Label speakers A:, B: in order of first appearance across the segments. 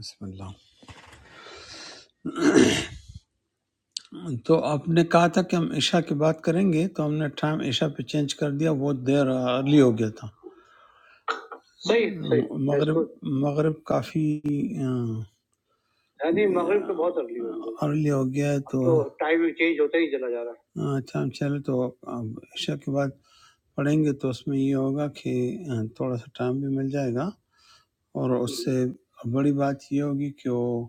A: بسم اللہ تو آپ نے کہا تھا کہ ہم عشاء کی بات کریں گے تو ہم نے ٹائم عشاء پہ چینج کر دیا وہ دیر ارلی ہو گیا تھا صحیح صحیح دیٹس مغرب گڈ مغرب کافی ہاں جی مغرب تو بہت ارلی ہو گئی ارلی ہو گیا ہے اب تو تو ٹائم چینج ہوتا ہی چلا جا رہا ہے ٹائم چلے تو اب عشاء کے بعد پڑھیں گے تو اس میں یہ ہوگا کہ آ، تھوڑا سا ٹائم بھی مل جائے گا اور اس سے بڑی بات یہ ہوگی کہ وہ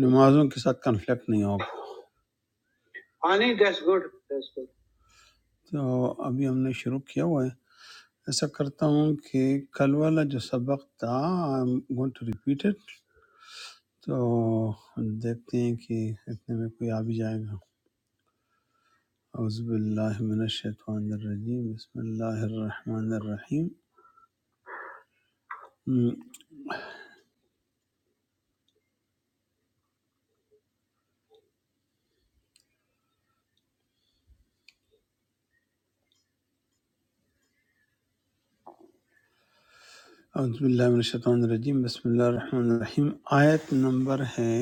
A: نمازوں کے ساتھ کنفلکٹ نہیں ہوگا ہاں نہیں دیٹس گڈ تو ابھی ہم نے شروع کیا ہوا ہے ایسا کرتا ہوں کہ کل والا جو سبق تھا I am going to repeat it تو دیکھتے ہیں کہ اتنے میں کوئی آ بھی جائے گا اعوذ باللہ من الشیطان الرجیم بسم اللہ الرحمن الرحیم ہم، اعوذ باللہ من الشیطان الرجیم بسم اللہ الرحمن الرحیم آیت نمبر ہے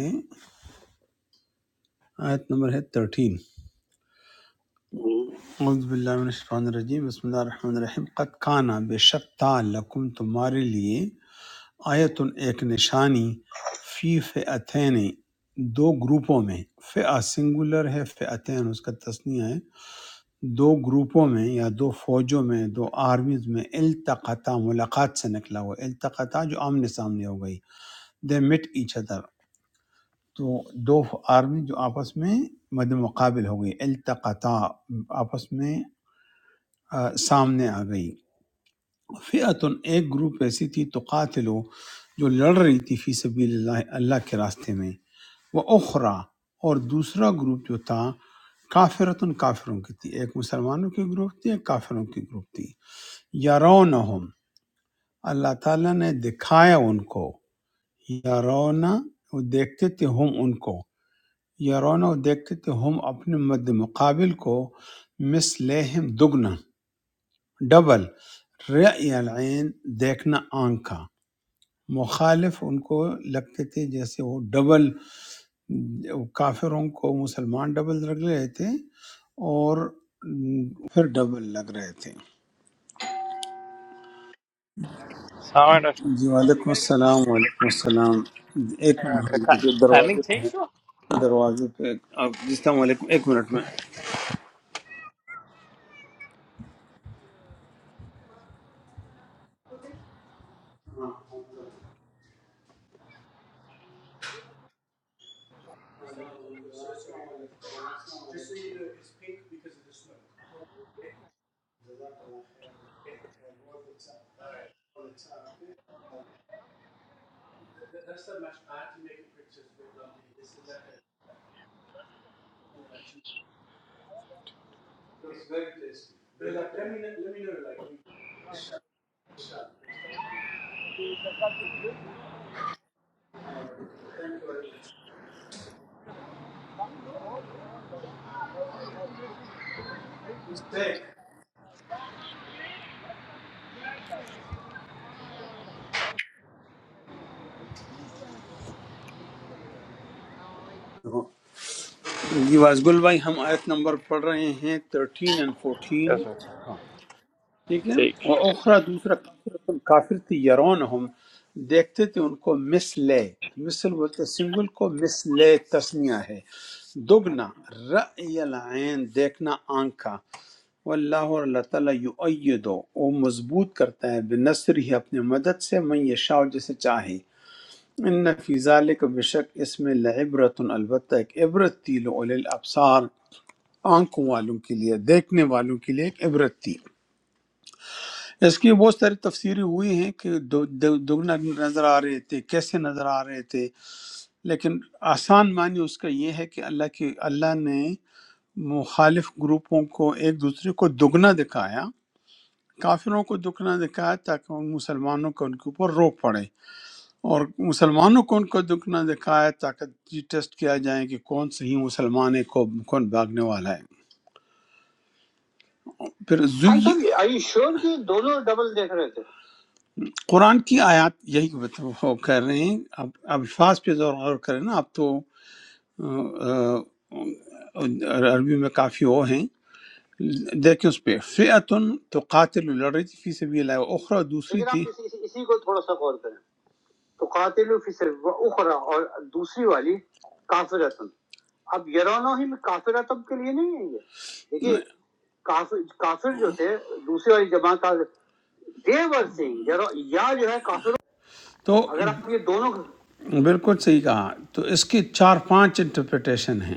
A: آیت نمبر ہے 13 اعوذ باللہ من الشیطان الرجیم بسم اللہ الرحمن الرحیم قد کانا بے شک تھا لکم تمہارے لیے آیتن ایک نشانی فی فئتین دو گروپوں میں فئہ سنگولر ہے فئتین اس کا تسنیہ ہے دو گروپوں میں یا دو فوجوں میں دو آرمیز میں التقطا ملاقات سے نکلا ہوا التقطا جو آمنے سامنے ہو گئی دے مٹ ایچ ادر تو دو آرمی جو آپس میں مد مقابل ہو گئی التقطا آپس میں آ، سامنے آ گئی فئتن ایک گروپ ایسی تھی تو قاتلو جو لڑ رہی تھی فی سبیل اللہ اللہ کے راستے میں وہ اخرا اور دوسرا گروپ جو تھا کافرتن کافروں کی تھی ایک مسلمانوں کی گروپ تھی ایک کافروں کی گروپ تھی یارونہم اللہ تعالیٰ نے دکھایا ان کو یارونا وہ دیکھتے تھے ہم ان کو یارونا وہ دیکھتے تھے ہم اپنے مد مقابل کو مثلہم دگنا ڈبل رعی العین دیکھنا آنکھ کا مخالف ان کو لگتے تھے جیسے وہ ڈبل کافروں کو مسلمان ڈبل لگ رہے تھے اور پھر ڈبل لگ رہے تھے
B: Sound of-
A: جی وعلیکم السلام وعلیکم السلام ایک منٹ
B: okay.
A: ہولڈ کیجیے،
B: Timing
A: دروازے پہ
B: change,
A: ہیں، دروازے پہ آپ جی السلام علیکم ایک منٹ میں جی وازگل بھائی ہم آیت نمبر پڑھ رہے ہیں thirteen and
B: Yes,
A: fourteen
B: sir.
A: کا ٹھیک ہے
B: Take.
A: اور اوکھرا دوسرا کافر کافر تھی یرون ہم دیکھتے تھے ان کو مسلے مثل بولتے سنگل کو مسلے تسنیہ ہے دگنا رأی العین دیکھنا آنکھ کا واللہ اور اللہ تعالیٰ یعیدو وہ مضبوط کرتا ہے بنصر ہی اپنے مدد سے من یشاء جسے چاہے ان فی ذالک بشک اس میں لعبرت البتہ ایک عبرت تھی لعلی الابصار آنکھوں والوں کے لیے دیکھنے والوں کے لیے ایک عبرت تھی اس کی بہت ساری تفسیریں ہوئی ہیں کہ دو- دو- دگنا نظر آ رہے تھے کیسے نظر آ رہے تھے لیکن آسان معنی اس کا یہ ہے کہ اللہ کی اللہ نے مخالف گروپوں کو ایک دوسرے کو دگنا دکھایا کافروں کو دگنا دکھایا تاکہ ان مسلمانوں کو ان کے اوپر روک پڑے اور مسلمانوں کو ان کو دگنا دکھایا تاکہ یہ ٹیسٹ کیا جائے کہ کون صحیح مسلمان ہے کو- کون بھاگنے والا ہے پھر آئی زوئی تھنک آئی یو شیور کہ دونوں ڈبل دیکھ رہے تھے قرآن کی آیات یہی بت- وہ کر رہے ہیں اب اب الفاظ پہ زور غور کریں نا اب تو آ، آ، عربی میں کافی وہ ہیں دیکھیں اس پہ فیعتن تو قاتل لڑ رہی تھی فی سبیل اللہ و اخری دوسری لیکن تھی آپ اس, اس, اسی کو تھوڑا سا غور کریں تو قاتل فی سب اخرا اور دوسری والی کافرتن اب یرانو ہی میں کافرتن کے لیے نہیں ہے یہ دیکھیے کافر کافر جو تھے دوسری والی جماعت دے ور سنگ یا جو ہے کافروں تو اگر آپ یہ دونوں بالکل صحیح کہا تو اس کی چار پانچ انٹرپریٹیشن ہیں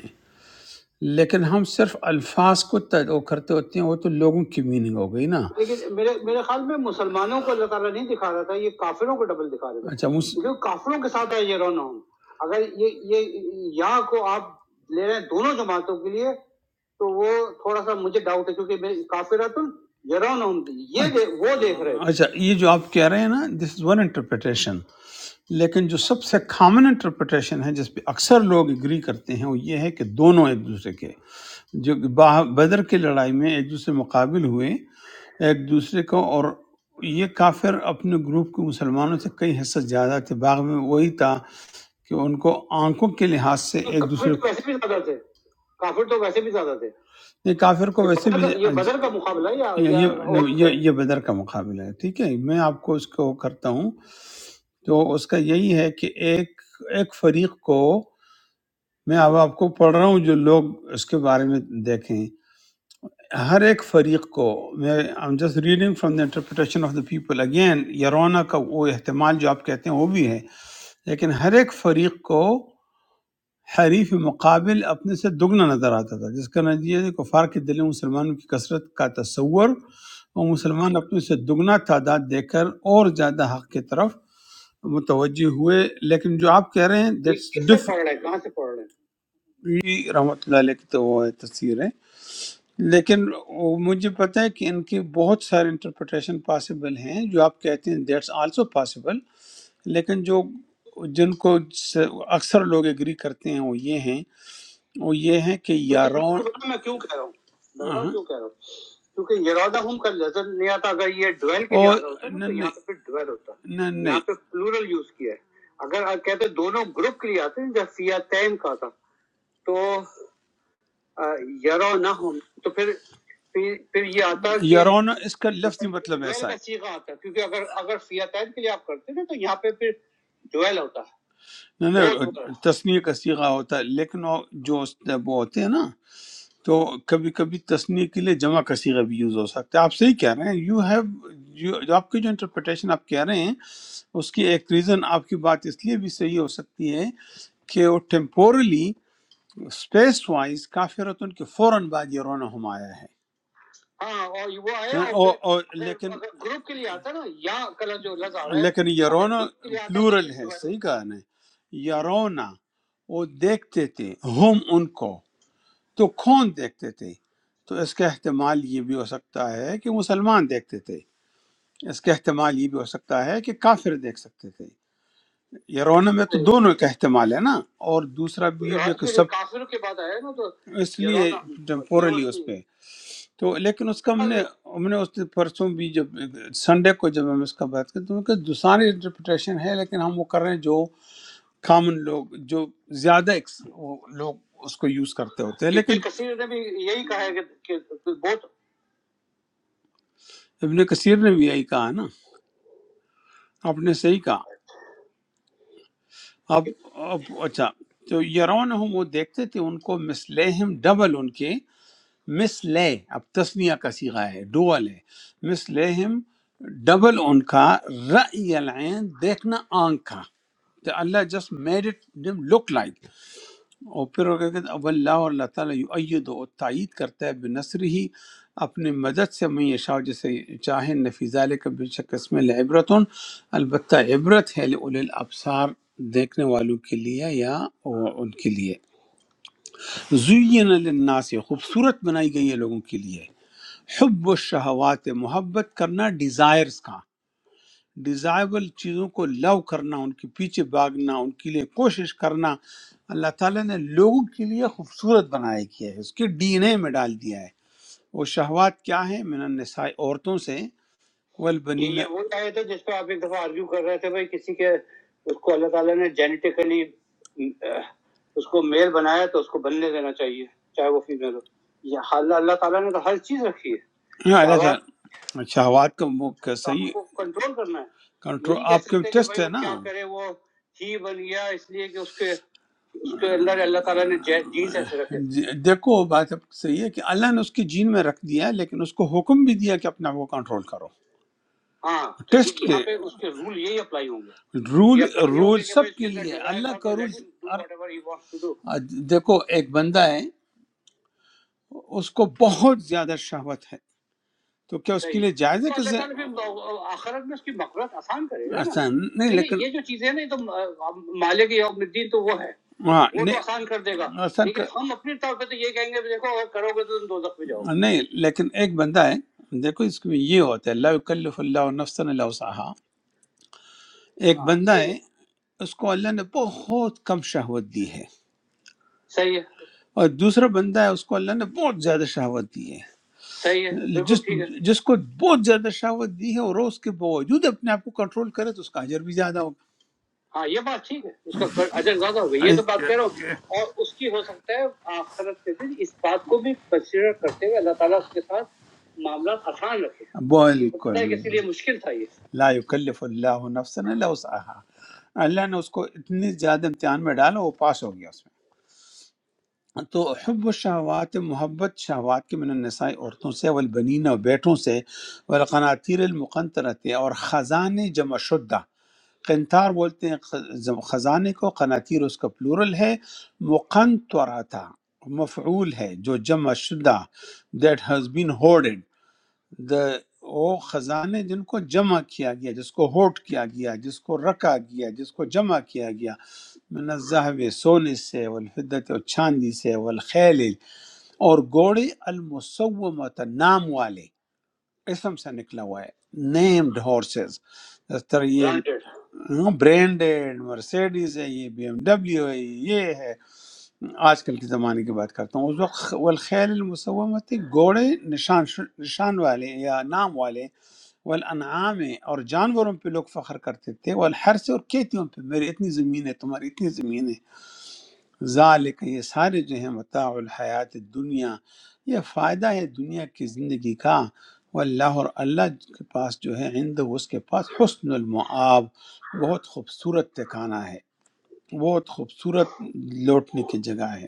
A: لیکن ہم صرف الفاظ کو تد- وہ کرتے ہوتے ہیں وہ تو لوگوں کی میننگ ہو گئی نا لیکن میرے میرے خیال میں مسلمانوں کو اللہ تعالیٰ نہیں دکھا رہا تھا یہ کافروں کو ڈبل دکھا رہا تھا اچھا مس... تھا، کیونکہ کافروں کے ساتھ ہے یہ رونا ہوں۔ اگر یہ یہ یا کو آپ لے رہے ہیں دونوں جماعتوں کے لیے تو وہ تھوڑا سا مجھے ڈاؤٹ ہے کیونکہ میں کافراتن یرونہم یہ دے- وہ دیکھ رہے تھے اچھا یہ جو آپ کہہ رہے ہیں نا دس از ون انٹرپریٹیشن لیکن جو سب سے کامن انٹرپریٹیشن ہے جس پہ اکثر لوگ اگری کرتے ہیں وہ یہ ہے کہ دونوں ایک دوسرے کے جو با- بدر کی لڑائی میں ایک دوسرے مقابل ہوئے ایک دوسرے کو اور یہ کافر اپنے گروپ کے مسلمانوں سے کئی حصہ زیادہ تھے باغ میں وہی تھا کہ ان کو آنکھوں کے لحاظ سے تو ایک کافر دوسرے تو ویسے بھی زیادہ تھے کافر تو ویسے بھی زیادہ تھے نہیں کافر کو یہ ویسے بدر بھی کا یہ بدر کا مقابلہ ہے یا یہ یا یہ اور یہ یہ بدر کا مقابلہ ہے ٹھیک ہے میں آپ کو اس کو کرتا ہوں تو اس کا یہی ہے کہ ایک ایک فریق کو میں اب آپ کو پڑھ رہا ہوں جو لوگ اس کے بارے میں دیکھیں ہر ایک فریق کو میں I'm just reading from the interpretation of the people again یرونا کا وہ احتمال جو آپ کہتے ہیں وہ بھی ہے لیکن ہر ایک فریق کو حریف مقابل اپنے سے دگنا نظر آتا تھا جس کا نتیجہ ہے کفار کے دل میں مسلمانوں کی کثرت کا تصور اور مسلمان اپنے سے دگنا تعداد دے کر اور زیادہ حق کی طرف متوجہ ہوئے لیکن جو آپ کہہ رہے ہیں دیٹس کس میں ڈفرنٹ پڑھ رہے ہیں، کہاں سے پڑھ رہے ہیں؟ بھی رحمۃ اللہ علیہ کی تو وہ ہے تفسیر ہے لیکن وہ مجھے پتہ ہے کہ ان کی بہت سارے انٹرپریٹیشن پاسبل ہیں جو آپ کہتے ہیں دیٹس آلسو پاسبل لیکن جو جن کو س- اکثر لوگ ایگری کرتے ہیں وہ یہ ہیں وہ یہ ہیں کہ یاروں میں کیوں کہہ رہا ہوں ہاں بہرحال ہاں۔ کیوں کہہ رہا ہوں کیونکہ ارادہ ہم کا لذت نہیں آتا اگر یہ ڈویل کے لیے اور آتا ہوتا نا نہ تو نہ یہاں پہ پھر ڈویل ہوتا نہ نہ یہاں پہ پلورل یوز کیا ہے اگر آپ کہتے دونوں گروپ کے لیے آتے ہیں جب سیاتین کا تھا تو آ، یرو نہ ہوں تو پھر پھر پھر یہ آتا کہ یارونا اس کا لفظی مطلب جویل ایسا کا ہے سیغہ آتا کیونکہ اگر اگر فیاتین کے لیے آپ کرتے نا تو یہاں پہ پھر جویل ہوتا نہیں ہے بہت ہوتا نہیں ہے تصنیح کا سیغہ ہوتا ہے لیکن وہ جو اس- وہ ہوتے ہیں نا تو کبھی کبھی تصنیح کے لیے جمع کا سیغہ بھی یوز ہو سکتا ہے آپ صحیح کہہ رہے ہیں یو ہیو جو آپ کی جو انٹرپریٹیشن آپ کہہ رہے ہیں اس کی ایک ریزن آپ کی بات اس لیے بھی صحیح ہو سکتی ہے کہ وہ ٹیمپورلی اسپیس وائز کافرت ان کے فوراً بعد یہ رونا ہم آیا ہے ہاں اور یہ وہ آیا ہاں، اور اور پھر اور پھر لیکن اگر گروپ کے لیے آتا نا یا کلا جو لفظ آ رہا ہے لیکن یہ اگر رونا گروپ کے لیے آتا تو پلورل اس ہے کے بعد صحیح کہا نہیں یہ رونا وہ دیکھتے تھے ہم ان کو تو کون دیکھتے تھے تو اس کا احتمال یہ بھی ہو سکتا ہے کہ مسلمان دیکھتے تھے اس کا احتمال یہ بھی ہو سکتا ہے کہ کافر دیکھ سکتے تھے یہ رونے میں تو دونوں کا احتمال ہے نا اور دوسرا بھی یہ بھی یہاں کہ پہ سب کافروں کی بات آیا نا تو اس یہ لیے رونا ٹیمپورلی اس پہ تو لیکن اس کا ہم نے ہم نے اس دن پرسوں بھی جب سنڈے کو جب ہم اس کا بات کی تو کہ دوسری انٹرپریٹیشن ہے لیکن ہم وہ کر رہے ہیں جو کامن لوگ جو زیادہ ایکس- وہ لوگ اس کو یوز کرتے ہوتے ہیں ابن لیکن ابن کثیر نے بھی یہی کہا ہے کہ کہ بہت ابن کثیر نے بھی یہی کہا نا آپ نے صحیح کہا اب اب- اچھا تو یرون ہم وہ دیکھتے تھے ان کو مسلہم ڈبل ان کے مسلے اب تسنیہ کا صیغہ ہے ڈوول ہے مسلہم ڈبل ان کا رأی العین دیکھنا آنکھ کا تو Allah just made it look like اور پھر وہ کہتے ہیں اب اللہ اور اللہ تعالیٰ یعید و تائید کرتا ہے بنصر ہی اپنے مدد سے میں یشاء جسے چاہے نفیزہ کا بے شک اس میں لعبرت البتہ عبرت ہے لأولی الابصار دیکھنے والوں کے لیے یا ان کے لیے زین للناس خوبصورت بنائی گئی ہے لوگوں کے لیے حب الشہوات محبت کرنا ڈیزائرز کا ڈیزائبل چیزوں کو لو کرنا ان کے پیچھے بھاگنا ان کے لیے کوشش کرنا اللہ تعالیٰ نے لوگوں کے لیے خوبصورت بنایا کیا ہے اس کے ڈی این اے میں ڈال دیا ہے وہ شہوات کیا ہے من النساء عورتوں سے یہ والبنین یہ وہ آئے تھے جس پہ آپ ایک دفعہ آرگیو کر رہے تھے بھائی کسی کے اس کو اللہ تعالیٰ نے جینیٹیکلی اس کو میل بنایا تو اس کو بننے دینا چاہیے چاہے وہ فیمیل ہو یہ اللہ اللہ تعالیٰ نے تو ہر چیز رکھی ہے ہاں اللہ شہوات تعالیٰ شہوات کا وہ کا تو ہم صحیح کو کنٹرول کرنا ہے یہ کنٹرول نہیں کہہ آپ کے سکتے کہ ٹیسٹ بھائی ہے وہ نا کیا کرے وہ ہی بن گیا اس لیے کہ اس کے اس کے اندر اللہ تعالیٰ نے جینس ایسے رکھے جی- دیکھو بات اب صحیح ہے کہ اللہ نے اس کے جین میں رکھ دیا ہے لیکن اس کو حکم بھی دیا کہ اپنے آپ کو کنٹرول کرو ہاں لیکن ٹیسٹ یہاں کے پہ اس کے رول یہی اپلائی ہوں گے رول یا یو رول ٹیک سب اوے کے that لیے he has اللہ not کا been role able to do ہر whatever he wants to do دیکھو ایک بندہ ہے اس کو بہت زیادہ شہوت ہے تو کیا اس کے صحیح لیے جائز ہے تو کہ اللہ ز- تعالیٰ پھر آخرت میں اس کی مغفرت آسان کرے گا نا اچھا نہیں یعنی لیکن یہ جو چیزیں نا یہ تو آ، مالک یوم الدین تو وہ ہے ہاں وہ تو نہیں آسان کر دے گا اصل لیکن کا- ہم اپنے طور پہ تو یہ کہیں گے دیکھو اگر کرو گے تو تم دوزخ میں جاؤ گے نہیں لیکن ایک بندہ ہے دیکھو اس میں یہ ہوتا ہے لا یکلف اللہ نفسا الا وسعها ایک ہاں بندہ ہے اس کو اللہ نے بہت کم شہوت دی ہے صحیح ہے اور دوسرا بندہ ہے اس کو اللہ نے بہت زیادہ شہوت دی ہے صحیح ہے بالکل جس ٹھیک ہے جس کو بہت زیادہ شہوت دی ہے اور وہ اس کے باوجود اپنے آپ کو کنٹرول کرے تو اس کا اجر بھی زیادہ ہوگا ہاں یہ بات ٹھیک ہے اس کا اجر زیادہ ہوگا یہ تو بات کہہ رہا ہوں اور اس کی ہو سکتا ہے آخرت کے دن اس بات کو بھی کنسیڈر کرتے ہوئے اللہ تعالیٰ اس کے ساتھ معاملات آسان رکھے ہو بالکل سکتا ہے کہ اسی لیے مشکل تھا یہ لا یکلف اللہ نفسا الا وسعها اللہ نے اس کو اتنی زیادہ امتحان میں ڈالا وہ پاس ہو گیا اس میں تو حب الشہوات محبت شہوات کے من النساء عورتوں سے والبنین اور بیٹوں سے والقناطیر المقنطرت اور خزانے جمع شدہ قنتار بولتے ہیں خز- خزانے کو قناتیر اس کا پلورل ہے مقنطرتا مفعول ہے جو جمع شدہ that has been hoarded the وہ خزانے جن کو جمع کیا گیا جس کو ہوٹ کیا گیا جس کو رکھا گیا جس کو جمع کیا گیا من الذهب سونے سے والفدت اور چاندی سے والخیل اور گوڑے المسومت نام والے اسم سے نکلا ہوا ہے نیمڈ ہارسز اس طرح یہ برانڈیڈ برینڈڈ مرسیڈیز ہے یہ بی ایم ڈبلیو ہے یہ ہے آج کل کے زمانے کی بات کرتا ہوں اس وقت والخیل المسومتی گھوڑے نشان نشان والے یا نام والے والانعام اور جانوروں پہ لوگ فخر کرتے تھے والحرث اور کھیتیوں پہ میری اتنی زمین ہے تمہاری اتنی زمین ہے ذالک یہ سارے جو ہیں متاع الحیات دنیا یہ فائدہ ہے دنیا کی زندگی کا واللہ اور اللہ کے پاس جو ہے عند اس کے پاس حسن المعاب بہت خوبصورت ٹھکانہ ہے بہت خوبصورت لوٹنے کی جگہ ہے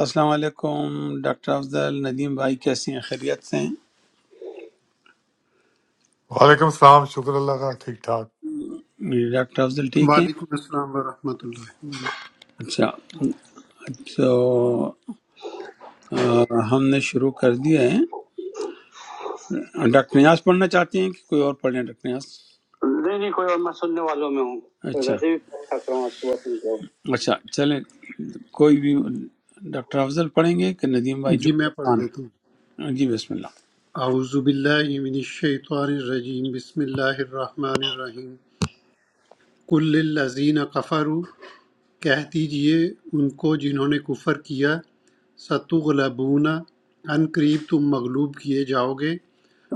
A: السلام علیکم ڈاکٹر افضل ندیم بھائی کیسے ہیں خیریت سے ہیں
C: وعلیکم السلام شکر اللہ کا ٹھیک ٹھاک
A: ڈاکٹر افضل ٹھیک ہیں
D: وعلیکم السلام ورحمۃ اللہ
A: اچھا تو آ، ہم نے شروع کر دیا ہے ڈاکٹر نیاز پڑھنا چاہتے ہیں کہ کوئی اور پڑھ لیں ڈاکٹر نیاز نہیں نہیں کوئی اور میں سننے والوں میں ہوں کوئی اچھا ویسے بھی پڑھ سکتا ہوں آپ صبح سن کے آؤں۔ اچھا چلیں کوئی بھی ڈاکٹر افضل پڑھیں گے کہ ندیم بھائی جو
D: جی
A: بھی
D: میں پڑھ دیتا
A: آسان
D: ہوں
A: جی بسم اللہ
D: اعوذ باللہ من الشیطان الرجیم بسم اللہ الرحمن الرحیم کل للذین کفروا کہہ دیجئے ان کو جنہوں نے کفر کیا ستغلبون ان قریب تم مغلوب کیے جاؤ گے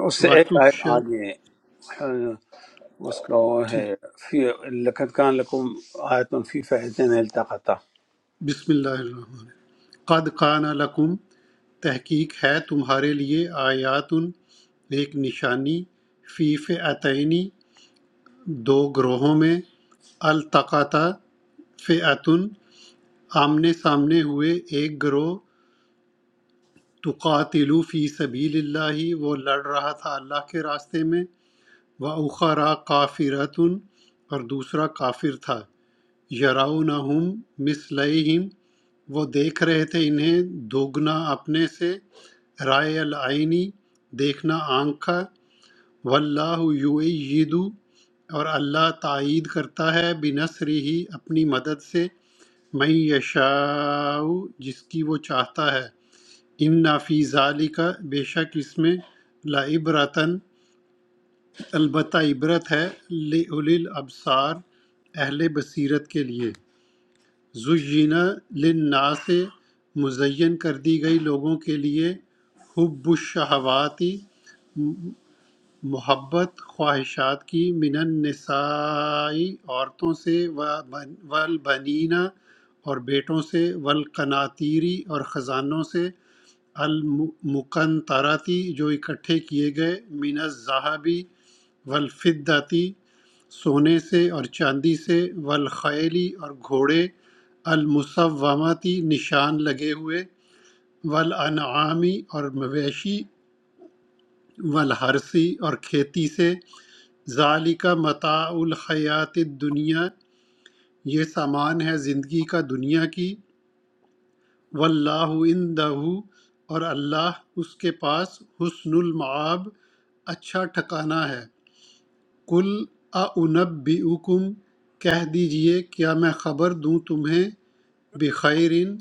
A: اس سے ایک آیت
D: وتحشر
A: آگے ہے، اس کا وہ ہے
D: ٹھیک
A: فی لقد کان لکم آیت فی فہتین التقطہ
D: بسم اللہ الرحمن الرحیم قد کان لکم تحقیق ہے تمہارے لیے آیات ایک نشانی فی فئتین دو گروہوں میں التقطا فئتن آمنے سامنے ہوئے ایک گروہ تقاتلو فی سبیل اللہ وہ لڑ رہا تھا اللہ کے راستے میں و اخرا کافرتن اور دوسرا کافر تھا یراؤنہم مثلیہم وہ دیکھ رہے تھے انہیں دوگنا اپنے سے رائے العینی دیکھنا آنکھ کا واللہ یعید اور اللہ تائید کرتا ہے بنصر ہی اپنی مدد سے میں یشاء جس کی وہ چاہتا ہے ان فی کا بے شک اس میں لعبرتاً البتہ عبرت ہے لِأُولِي الْأَبْصَارِ اہل بصیرت کے لیے زینہ للناس سے مزین کر دی گئی لوگوں کے لیے حب الشہواتی محبت خواہشات کی من النساء عورتوں سے والبنین اور بیٹوں سے والقناتیری اور خزانوں سے المقنطراتی جو اکٹھے کیے گئے من الذهبی والفدتی سونے سے اور چاندی سے والخیلی اور گھوڑے المسومتی نشان لگے ہوئے والانعامی اور مویشی والحرسی اور کھیتی سے ذالک متاع الحیات الدنیا یہ سامان ہے زندگی کا دنیا کی واللہ عندہ اور اللہ اس کے پاس حسن المعاب اچھا ٹھکانہ ہے کل اعنبئکم کہہ دیجئے کیا میں خبر دوں تمہیں بخیرن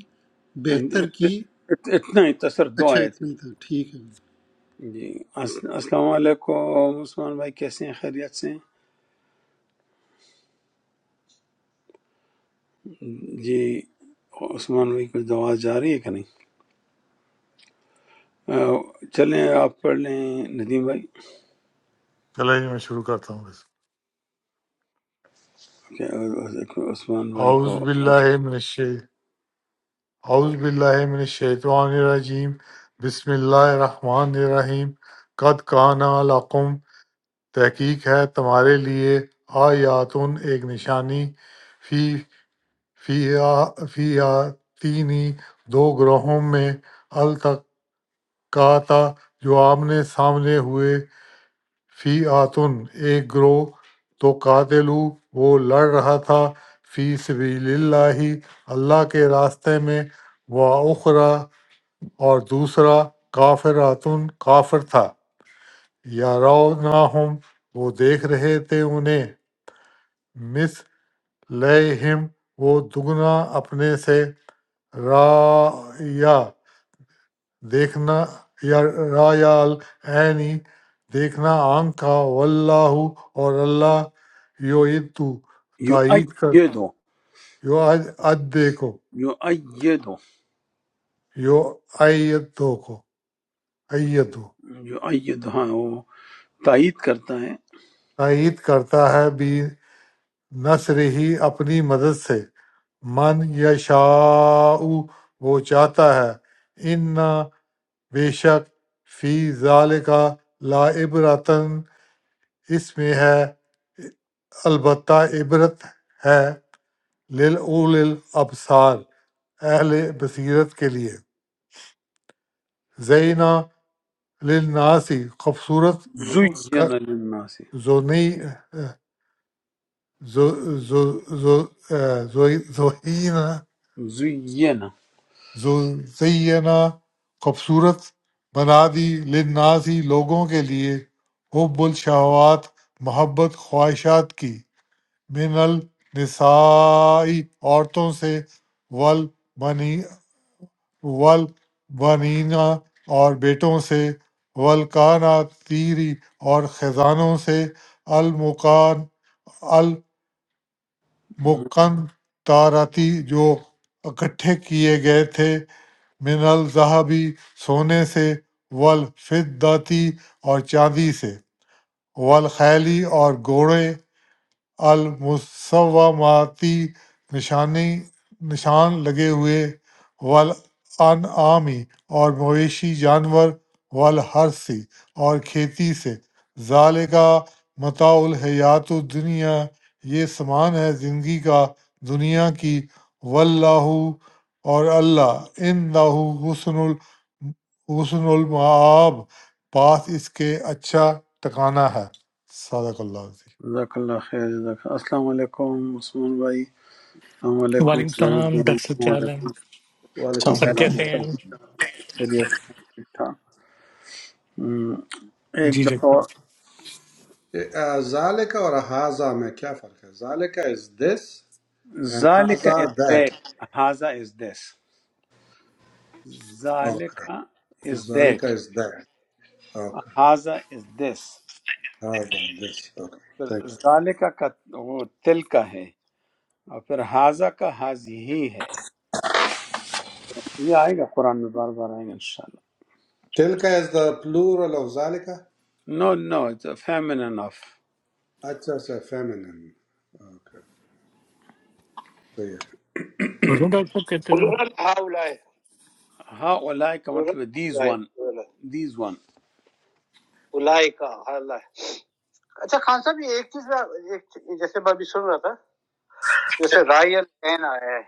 D: بہتر کی
A: اتنا ہی تصر دو
D: اچھا
A: آیت
D: اتنا ہی
A: ہیں۔
D: تھا ٹھیک ہے
A: جی اس- السلام علیکم عثمان بھائی کیسے ہیں خیریت سے ہیں جی عثمان بھائی کچھ دعا جاری ہے کہ نہیں آ، چلیں آپ پڑھ لیں ندیم بھائی
C: چلے جی میں شروع کرتا ہوں بس
A: کہ عثمان بھائی کو
C: اعوذ باللہ من الشی اعوذ باللہ من الشیطان الرجیم بسم اللہ الرحمن الرحیم قد کانا لقم تحقیق ہے تمہارے لیے آیاتن ایک نشانی فی فی فی آتینی دو گروہوں میں التقاتا جو آمنے سامنے ہوئے فی آتن ایک گروہ تو قاتلو وہ لڑ رہا تھا فی سبیل اللہ اللہ کے راستے میں وہ اخرا اور دوسرا کافراتن کافر تھا یا ہم وہ دیکھ رہے تھے انہیں مس لہم وہ دگنا اپنے سے رایا دیکھنا یا رایال عینی دیکھنا آنکھ کا واللہ اور اللہ یو تو
A: یو
C: تائید کر
A: آئیے دو
C: یو اد دیکھو
A: یو آئیے دو
C: یو ایت دو کو ایت دو
A: یو آئیے دو ہاں وہ تائید کرتا ہے
C: تائید کرتا ہے بھی نصر ہی اپنی مدد سے من یشاء وہ چاہتا ہے انا بے شک فی ذالک لا عبرتن اس میں ہے البتہ عبرت ہے للعول الابصار اہل بصیرت کے لیے زینا للناسی خوبصورت
A: زین
C: ک-
A: للناس
C: زونی زو- زو- زو- زو- زوہینہ
A: زین
C: زینہ خوبصورت بنا دی للناسی لوگوں کے لیے حب الشہوات محبت خواہشات کی من النسائی عورتوں سے ول بنی ول بنینا اور بیٹوں سے ولکانا تیری اور خزانوں سے المکان المکن تارتی جو اکٹھے کیے گئے تھے من الزہبی سونے سے ولفدتی اور چاندی سے والخیلی اور گھوڑے المسوماتی نشانی نشان لگے ہوئے والانعامی اور مویشی جانور والحرثی اور کھیتی سے ذالکا متاع الحیات الدنیا یہ سامان ہے زندگی کا دنیا کی واللہ اور اللہ ان حسن ال حسن المآب پاس اس کے اچھا ٹکانا ہے صدق اللہ عظیم
A: جزاک اللہ خیر جزاک اللہ السلام علیکم عثمان بھائی السلام علیکم
E: وعلیکم
A: جاوید
E: السلام
A: بھائی،
E: ڈاکٹر صاحب
A: السلام
E: کیا حال ہے
A: علیکم
F: وَعَلَكُمْ
G: السلام
E: سب
G: علیکم
F: سَلَامُ
E: کیسے ہیں
F: وَرَسْمُمْ
A: خیریت ٹھیک ٹھاک ہم،
E: جی
A: ایک
E: ڈاکٹر
A: دفعہ
F: ذَلِكَ وَرَهَزَى مَكَفَرْكَ ذَلِكَ is this and ذَلَكَ is
A: ذالک از
F: that
A: دیٹ ہاضا از دس
F: okay
A: ذالکا از
F: ذَلِكَ
A: دیٹ
F: is that okay
A: ہاضا از دس
F: ذَلَكَ is this okay thank
A: پھر
F: you
A: ذالکا کا وہ تل کا ہے اور پھر ہاضا کا حاضی ہی ہے یہ آئے گا قرآن میں بار بار آئے گا انشاءاللہ
F: تِلْكَ is the plural of ذَلِكَ
A: نو نو اٹس فیمن انف
F: أَجَّا سَيْفَمِنَنِ okay so yeah
E: صاحب پڑھوں ڈاکٹر صاحب کہتے
A: قل
E: رہو
A: هؤلاء ہاں اولائے کا قل مطلب ہے دیز هؤلاء ون دیز ون اولائے کا اللہ اچھا خان صاحب یہ ایک چیز میں ایک چیز- جیسے میں ابھی سن رہا تھا جیسے رائے العین آیا ہے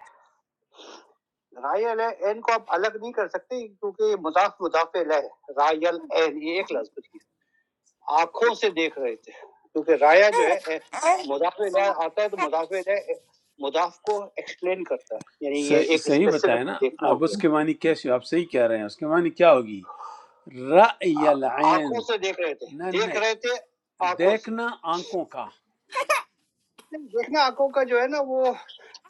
A: رائل عین کو آپ الگ نہیں کر سکتے کیونکہ یہ مضاف مضاف علیہ ہے رائل عین یہ ایک لفظ بچ گیا آنکھوں سے دیکھ رہے تھے کیونکہ رایا جو ہے اے، مضاف علیہ آتا ہے تو مضاف علیہ مضاف کو ایکسپلین کرتا ہے یعنی یہ صحیح ایک صحیح بتایا اسپیسیفک نا دیکھنا ہو اب گیا اس کے معنی کیسے آپ صحیح کہہ رہے ہیں اس کے معنی کیا ہوگی رأی آ- العین آنکھوں سے دیکھ رہے تھے نہ نہ دیکھ رہے تھے آنکھوں سے دیکھنا آنکھوں کا نہیں، دیکھنا آنکھوں کا جو ہے نا وہ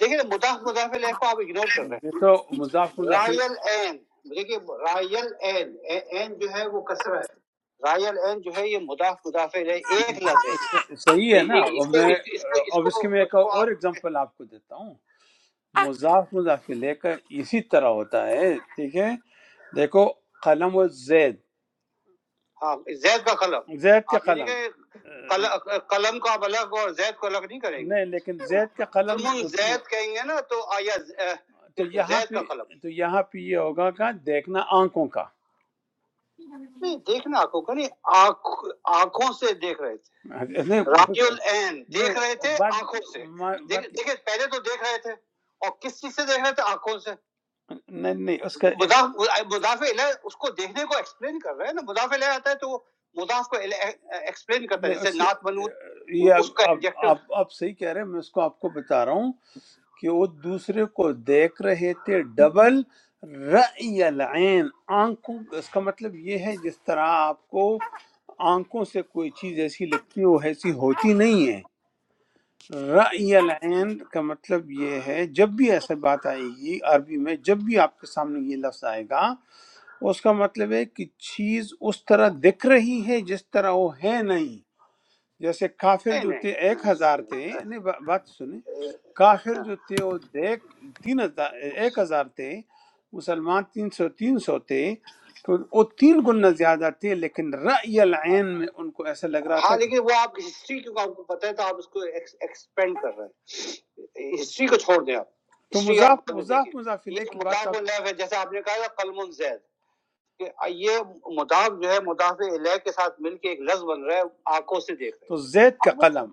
A: دیکھیں نا، مضاف مضاف علیہ کو آپ اگنور کر رہے ہیں۔ یہ تو مضاف ہیں مضاف رائل این دیکھیے رائل این اے- این جو ہے وہ کسرہ ہے رائل این جو ہے یہ مضاف مضاف علیہ ایک لفظ ہے یہ اس- صحیح ہے یہ- نا یہ- یہ- اور اس کو میں کے اس اس کو اس اب کو اس کی کو میں اس ایک اس کو اور آپ اگزامپل آپ کو دیتا ہوں مضاف مضاف لے کا اسی طرح ہوتا ہے ٹھیک ہے دیکھو قلم و زید ہاں زید کا قلم زید کا آپ یہ نہیں قلم کہ قل- قلم کا بلغ اور زید کو الگ نہیں کریں گے نہیں لیکن زید کا قلم قلم زید کہیں گے نا تو آیا ز- اہ، تو یہاں زید پہ کا قلم تو یہاں پہ یہ ہوگا کہ دیکھنا آنکھوں کا نہیں دیکھنا آنکھوں کا نہیں آنکھ- آنکھوں سے دیکھ رہے تھے نہیں راکی العین نہیں، دیکھ رہے تھے but- آنکھوں سے ما- دیکھ- but- دیکھیں پہلے تو دیکھ رہے تھے اور کس چیز سے دیکھ رہے تھے آنکھوں سے نہیں نہیں اس کا مضاف مضاف الہ اس کو دیکھنے کو ایکسپلین کر رہا ہے نا مضاف الہ آتا ہے تو وہ مضاف کو ایکسپلین کرتا ہے نہیں جیسے اس نعت بنو یہ اس کا آپ ایڈجیکٹو آپ آپ صحیح کہہ رہے ہیں میں اس کو آپ کو بتا رہا ہوں کہ وہ دوسرے کو دیکھ رہے تھے ڈبل رأی العین آنکھوں اس کا مطلب یہ ہے جس طرح آپ کو آنکھوں سے کوئی چیز ایسی لگتی ہے وہ ایسی ہوتی نہیں ہے رأی العین کا مطلب یہ ہے جب بھی ایسا بات آئے گی عربی میں جب بھی آپ کے سامنے یہ لفظ آئے گا اس کا مطلب ہے کہ چیز اس طرح دکھ رہی ہے جس طرح وہ ہے نہیں جیسے کافر نہیں جو نہیں تھے ایک ہزار تھے نہیں با- بات سنیں کافر ہاں جو تھے وہ ایک تین ہزار ایک ہزار تھے مسلمان تین سو تین سو تھے تو وہ تین گنا زیادہ تھے لیکن رأی العین میں ان کو ایسا لگ رہا تھا ہاں کہ لیکن وہ آپ کی ہسٹری کیونکہ آپ کو پتہ ہے تو آپ اس کو ایکسپینڈ کر رہے ہیں ہسٹری کو چھوڑ دیں آپ تو ہسٹری مضاف آپ دیکھیں مضاف دیکھیں مضاف یہ علیہ تو کی بات مذاق آپ الگ ہے جیسے آپ نے کہا نا قلم زید کہ یہ مضاف جو ہے مضاف علیہ کے ساتھ مل کے ایک لفظ بن رہا ہے آنکھوں سے دیکھ رہے تو زید کا اب قلم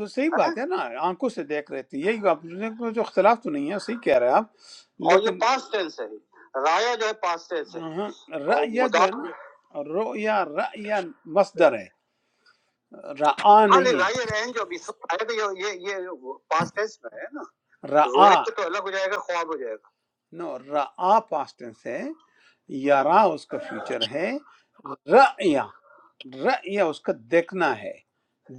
A: تو صحیح ہے نا بات ہے نا آنکھوں سے دیکھ رہے تھے یہی آپ نے کوئی جو اختلاف تو نہیں ہے صحیح کہہ رہے ہیں آپ اور یہ لیکن پاسٹ ٹینس ہے رایا جو ہے پاسٹ ٹینس ہے ہاں اور رأیہ جو ہے مضاف نا رؤیا رأیہ مصدر ہے رعا ہاں نہیں لائے رہن جو ابھی سب آئے تھے یہ یہ یہ پاسٹ ٹینس میں ہے نا رعا رویت تو الگ ہو جائے گا خواب ہو جائے گا نو رعا پاسٹ ٹینس ہے یارا اس کا فیوچر ہے رعیا رعیا اس کا دیکھنا ہے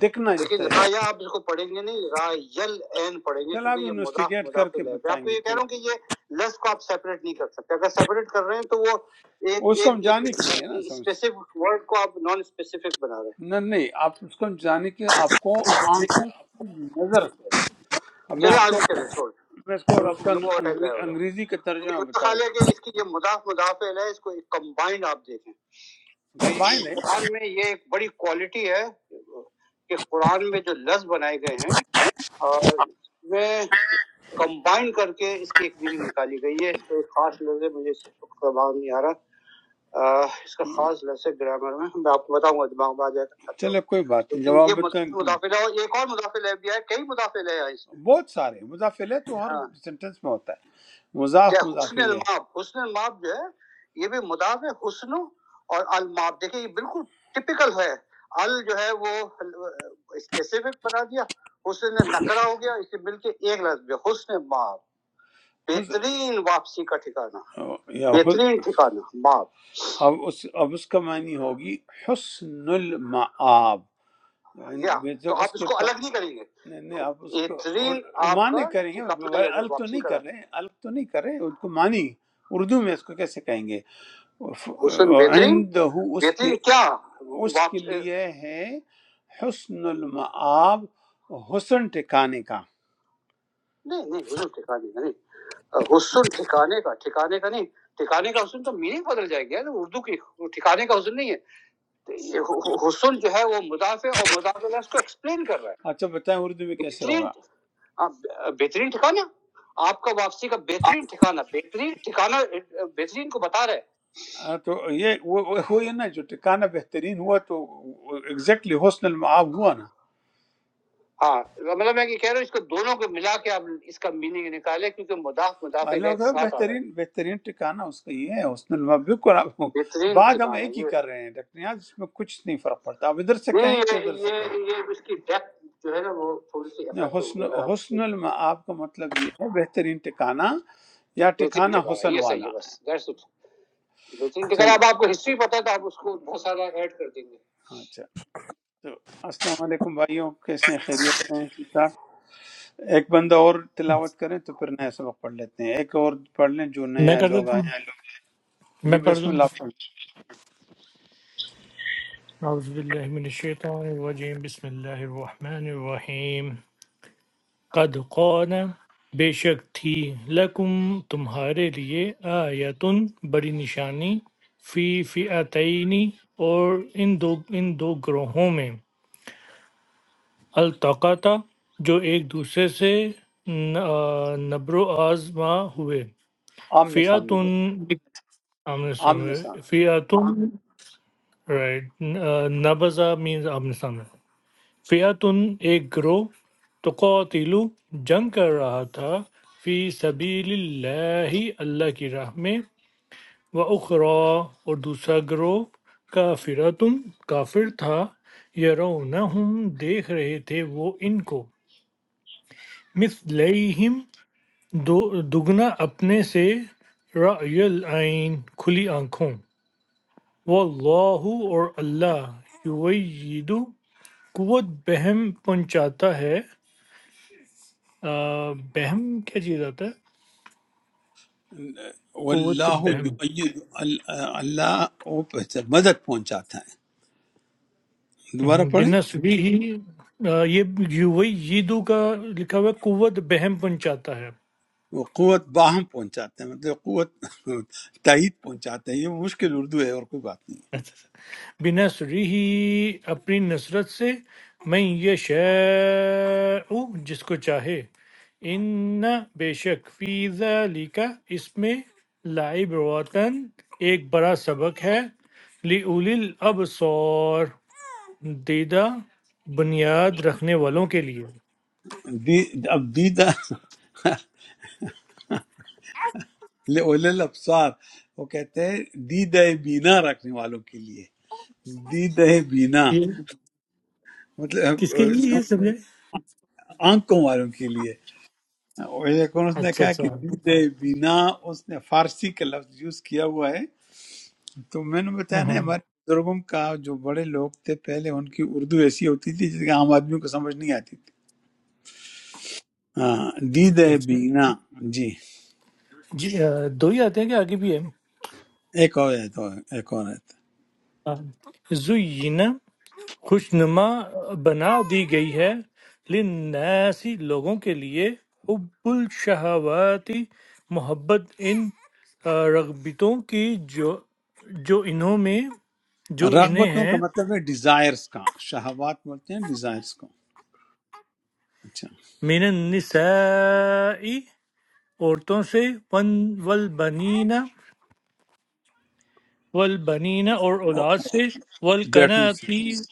A: دیکھنا جس لیکن طرح رایا آپ اس کو پڑھیں گے نہیں رایل این پڑھیں گے چل کیونکہ آپ یہ مضاف انویسٹیگیٹ کر مضاف کے لے میں آپ بتائیں کو گے یہ کہہ کہ رہا ہوں کہ یہ لفظ کو آپ سیپریٹ نہیں کر سکتے اگر سیپریٹ کر رہے ہیں تو وہ ایک وہ ایک سمجھانے کے لیے نا سمجھ اسپیسیفک ورڈ کو آپ نان اسپیسیفک بنا رہے ہیں نہ نہیں آپ اس کو جانے کہ آپ کو آنکھوں کی نظر سے اب میں چلے آپ کو آگے چلے چھوڑ میں اس کو آپ کو وہ ہٹا انگریزی گیا ہوگا انگریزی کا یہ ترجمہ بتا منتقال ہے کہ اس کی یہ مضاف مضاف الیہ ہے اس کو ایک کمبائنڈ آپ دیکھیں دیتا کہ کمبائن ہے قرآن میں یہ ایک بڑی کوالٹی ہے کہ قرآن میں جو لفظ بنائے گئے ہیں اور میں کمبائن کر کے اس کی ایک میننگ نکالی گئی ہے اس کا ایک خاص لفظ ہے مجھے اس وقت زبان نہیں آ رہا آہ، اس کا خاص لفظ ہے گرامر میں میں آپ کو بتاؤں گا دماغ میں آ جائے گا تو چلے کوئی بات نہیں لیکن جواب یہ بتائیں مضاف الیہ اور ایک اور مضاف الیہ بھی ہے کئی مضاف الیہ ہے اس میں بہت سارے مضاف علیہ تو ہر ہاں سینٹینس میں ہوتا ہے مضاف یا مضاف حسن الیہ الماب حسن الماب جو ہے یہ بھی مضاف ہے حسن اور الماب دیکھیں یہ بالکل ٹپیکل ہے ال جو ہے وہ اسپیسیفک بنا دیا حسن نکرا ہو گیا اسے مل کے ایک لفظ جو حسن ماب حس- بہترین واپسی کا ٹھکانہ یا حس- بہترین ٹھکانہ ماب اب اس اب اس کا معنی ہوگی حسن المآب کیا میں تو تو اس آپ اس کو کو ت- الگ نہیں کریں گے نہیں نہیں، آپ اس یہ کو تری آپ معنی کا کریں گے یہ کپڑے کا الگ تو واپسی نہیں کرا کر رہے الگ تو نہیں کر رہے اس کو معنی اردو میں اس کو کیسے کہیں گے حسن بہترین عند اس کے بہترین کیا اس کے واپس لیے ہے حسن المآب حسن ٹھکانے کا نہیں نہیں حسن ٹھکانے کا نہیں حسن ٹھکانے کا ٹھکانے کا نہیں ٹھکانے کا حسن تو میننگ بدل جائے گا نا، اردو کی ٹھکانے کا حسن نہیں ہے، یہ حسن جو ہے وہ مضاف ہے اور مضاف اللہ اس کو ایکسپلین کر رہا ہے اچھا بتائیں اردو میں کیسے بہترین ہوگا آ، بہترین ٹھکانہ آپ کا واپسی کا بہترین ٹھکانہ بہترین ٹھکانہ بہترین کو بتا رہا ہے ہاں، تو یہ وہ وہ- ہوئی نا جو ٹکانہ بہترین ہوا تو ایگزیکٹلی حسن المعاب ہوا نا ہاں مطلب میں یہ کہہ رہا ہوں اس کو دونوں کو ملا کے آپ اس کا میننگ نکالے کیونکہ مداف مداف اللہ علیہ کے کا ساتھ آ رہا ہے بہترین بہترین ٹھکانہ اس کا یہ ہے اس نے لما- بالکل آپ بہترین بعد ہم ٹھکانا ایک ہی یہ کر رہے ہیں ڈاکٹر نیاز اس میں کچھ نہیں فرق پڑتا آپ ادھر سے نہیں کہیں تو یہ ادھر سے کہیں یہ یہ اس کی ڈیپتھ جو ہے نا وہ تھوڑی سی افیکٹ حسن ہوگی اگر آپ حسن المآب کا مطلب یہ ہے بہترین ٹکانہ یا بہترین ٹکانہ ٹھکانا حسن یہ صحیح والا ہے بس دیٹس اٹ بہترین ٹھکانا صحیح اب آپ کو ہسٹری پتہ ہے تو آپ اس کو بہت سارا ایڈ کر دیں گے اچھا تو السلام علیکم بھائیوں کیسے ہیں خیریت سے ہیں ٹھیک ٹھاک ایک بندہ اور تلاوت کریں تو پھر نیا سبق پڑھ لیتے ہیں ایک اور پڑھ لیں جو
E: میں
A: نیا
E: کر
A: لوگ
E: دیتا
A: آئیں
E: ہوں میں
A: جی
E: پڑھ
A: بسم
E: دوں
A: اللہ پڑھ
E: اعوذ باللہ من الشیطان الرجیم بسم اللہ الرحمن الرحیم قد قان بے شک تھی لکم تمہارے لیے آیتن بڑی نشانی فی فئتینی اور ان دو ان دو گروہوں میں التقاطا جو ایک دوسرے سے ن- آ، نبر و آزما ہوئے
A: آمنے سامنے
E: فیاتن
A: ہوئے
E: آمنے
A: آمنے
E: سامنے فیاتن رائٹ نبزہ مینز آمنے سامنے فیاتن ایک گروہ تو قاتلو جنگ کر رہا تھا فی سبیل اللہ اللہ کی راہ میں و اخرا اور دوسرا گروہ کافرتن کافر تھا یرونہم دیکھ رہے تھے وہ ان کو مثلیہم دو- دگنا اپنے سے رأی العین کھلی آنکھوں واللہ اور اللہ یوید قوت بہم پہنچاتا ہے آ، بہم کیا چیز آتا ہے
A: سامنے
E: قوت
A: واللہ
E: بہم
A: یؤید ال- اللہ وہ پہنچا- مدد پہنچاتا ہے دوبارہ
E: ہم،
A: پڑھیں
E: بنسبی ہی آ، یہ یویدو کا لکھا ہوا ہے قوت بہم پہنچاتا ہے
A: وہ قوت باہم پہنچاتا ہے مطلب قوت تائید پہنچاتا ہے یہ مشکل اردو ہے اور کوئی بات نہیں
E: بِنَصْرِهِ اپنی نصرت سے مَن یشاء جس کو چاہے ان بے شک فی ذالک اس میں لعبرتن ایک بڑا سبق ہے لِأُولِي الْأَبْصَارِ دیدہ بنیاد رکھنے والوں کے لیے
A: ہے۔ دی اب دیدہ لے- اولل ابصار وہ کہتے ہیں دیدہ بینا رکھنے والوں کے لیے دید بینا
E: یہ
A: مطلب
E: کس کے
A: اس
E: لیے
A: کا
E: یہ
A: مطلب
E: سمجھائے
A: آنکھوں والوں کے لیے اور ایک اور اس نے
E: اچھا
A: کہا
E: اچھا
A: کہ
E: ہوں،
A: دید بینا اس نے فارسی کا لفظ یوز کیا ہوا ہے تو میں نے بتایا نا
E: ہوں۔
A: ہمارے بزرگوں کا جو بڑے لوگ تھے پہلے ان کی اردو ایسی ہوتی تھی جس کے عام آدمی کو سمجھ نہیں آتی تھی ہاں دید بینا جی
E: جی آ، دو ہی آتے ہیں کہ آگے بھی ہے
A: ایک اور آیت اور ایک اور آیت
E: ہاں زُيِّنَ خوش نما بنا دی گئی ہے للناسی لوگوں کے لیے حب الشہواتی محبت ان آ، رغبتوں کی جو جو انہوں میں جو انہیں
A: رغبتوں
E: ہیں
A: کا مطلب ہے ڈیزائرز کا شہوات بولتے ہیں ڈیزائرز کو اچھا
E: من النساء عورتوں سے ون والبنین والبنین اور
A: اور
E: اولاد سے
A: بیٹوں
E: والقناطیر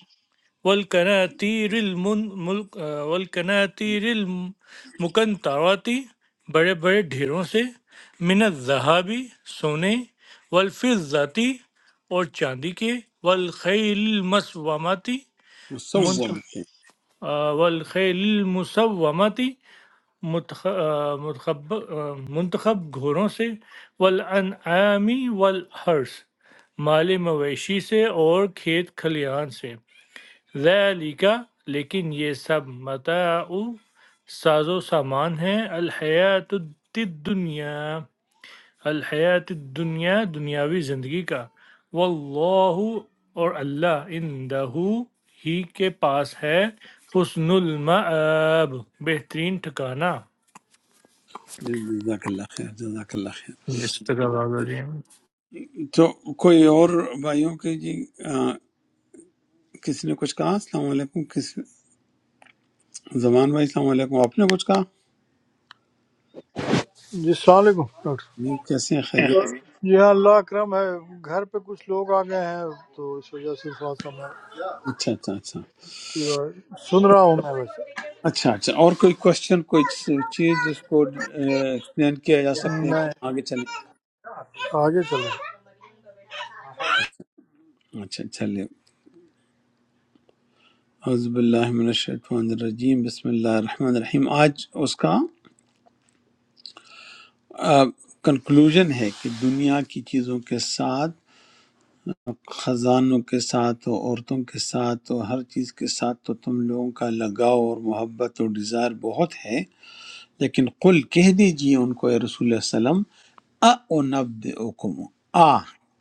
E: والقناطیر المن ملک والقناطیر المقنطرتی بڑے بڑے ڈھیروں سے من الذہابی سونے والفضتی اور چاندی کے والخیل المسومتی من
A: سے
E: آ، والخیل المسومتی متخ- آ، متخب- آ، منتخب گھوڑوں سے والانعامی والحرس مال مویشی سے اور کھیت کھلیان سے ذَلِكَ لیکن یہ سب متاع ساز و سامان ہے الحیات الدنیا الحیات الدنیا دنیاوی زندگی کا واللہ اور اللہ اندہ ہی کے پاس ہے حسن المآب بہترین ٹھکانہ
A: جی، جزاک اللہ خیر جزاک اللہ خیر
E: یہ اس طرح آواز آ رہی ہے
A: تو کوئی اور بھائیوں کے جی آ، کسی نے کچھ کہا السلام علیکم کس زمان بھائی السلام علیکم آپ نے کچھ کہا
H: जी सलामकुम डॉक्टर
A: نہیں کیسے ہیں
H: Yes,
A: خیریت
H: जी हाँ अल्लाह करम है घर पे कुछ लोग आ गए हैं तो इस वजह से थोड़ा सा मैं
A: اچھا اچھا اچھا
H: अ, सुन रहा हूँ मैं बस
A: اچھا اچھا اور کوئی کوشچن کوئی چیز جس کو ایکسپلین کیا جا سکتے ہے
H: मैं
A: کہ آگے چلیں
H: आगे चलूँ
A: اچھا چلیں اعوذ باللہ من الشیطان الرجیم بسم اللہ الرحمن الرحیم آج اس کا کنکلوژن ہے کہ دنیا کی چیزوں کے ساتھ خزانوں کے ساتھ ہو عورتوں کے ساتھ ہو ہر چیز کے ساتھ تو تم لوگوں کا لگاؤ اور محبت اور ڈیزائر بہت ہے لیکن قل کہہ دیجئے ان کو اے رسول اللہ صلی اللہ علیہ وسلم اُنَبِّئُكُمْ آ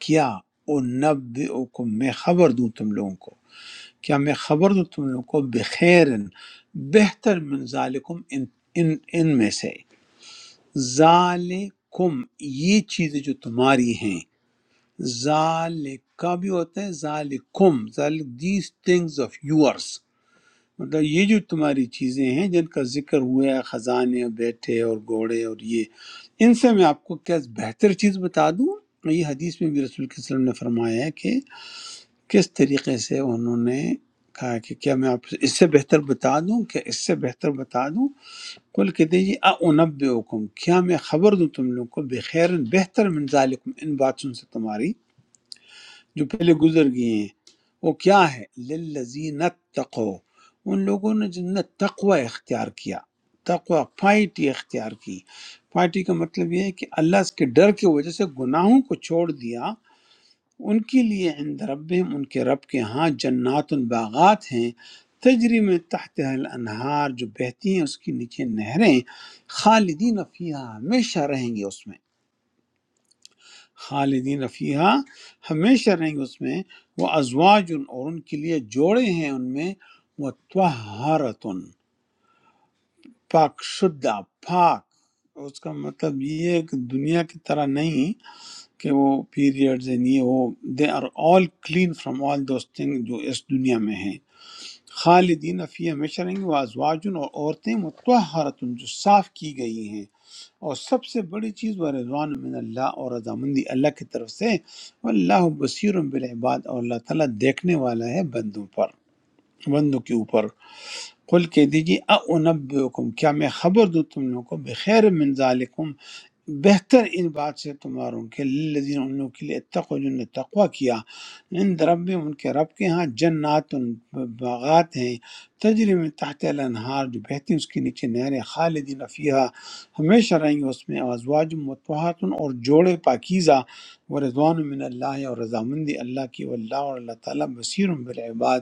A: کیا اُنَبِّئُكُمْ میں خبر دوں تم لوگوں کو کیا میں خبر دوں تم لوگوں کو بخیر بہتر من ذالکم ان, ان, ان میں سے ذالکم یہ چیزیں جو تمہاری ہیں ذالکا بھی ہوتا ہے ذالکم ذالک دیز تھنگز آف یورس مطلب یہ جو تمہاری چیزیں ہیں جن کا ذکر ہوا ہے خزانے اور بیٹھے اور گھوڑے اور یہ ان سے میں آپ کو کیا بہتر چیز بتا دوں یہ حدیث میں بھی رسول کے صلی اللہ علیہ وسلم نے فرمایا ہے کہ کس طریقے سے انہوں نے کہا کہ کیا میں آپ سے اس سے بہتر بتا دوں کیا اس سے بہتر بتا دوں کل کہتے ہیں جی اونب حکم کیا میں خبر دوں تم لوگوں کو بخیر بہتر من ذالکم ان باتوں سے تمہاری جو پہلے گزر گئے ہیں وہ کیا ہے للذین اتقوا ان لوگوں نے جن نے تقوی اختیار کیا تقوی پائٹی اختیار کی پائٹی کا مطلب یہ ہے کہ اللہ اس کے ڈر کی وجہ سے گناہوں کو چھوڑ دیا ان کے لیے عند ربہم ان کے رب کے ہاں جنات باغات ہیں تجری میں تحت الانہار جو بہتی ہیں اس کے نیچے نہریں خالدین فیہا ہمیشہ رہیں گے اس میں خالدین فیہا ہمیشہ رہیں گے اس میں وہ ازواج اور ان کے لیے جوڑے ہیں ان میں وہ طہارت، پاک شدہ پاک اس کا مطلب یہ ہے کہ دنیا کی طرح نہیں کہ وہ پیریڈز ہیں یہ وہ they are all clean from all those thing جو اس دنیا میں ہیں خالدین فی ہمیشہ رہیں گے وہ ازواجن اور عورتیں متحرتن جو صاف کی گئی ہیں اور سب سے بڑی چیز وہ رضوان من اللہ اور رضامندی اللہ کی طرف سے اللہ بصیر بالعباد اور اللہ تعالیٰ دیکھنے والا ہے بندوں پر بندوں کے اوپر قل کہہ دیجیے اونبئکم کیا میں خبر دوں تم لوگوں کو بخیر من ذالکم بہتر ان بات سے تمہاروں کے للذین ان لوگوں کے لیے اتقوا جن نے تقوی کیا ان رب ان کے رب کے ہاں جنات ان باغات ہیں تجری میں تحت الانہار جو بہتی ہیں اس کے نیچے نہریں خالدین فیہا ہمیشہ رہیں گے اس میں ازواج متوہات اور جوڑے پاکیزہ و رضوان من اللہ اور رضامندی اللہ کی واللہ اور اللہ تعالیٰ بصیر بالعباد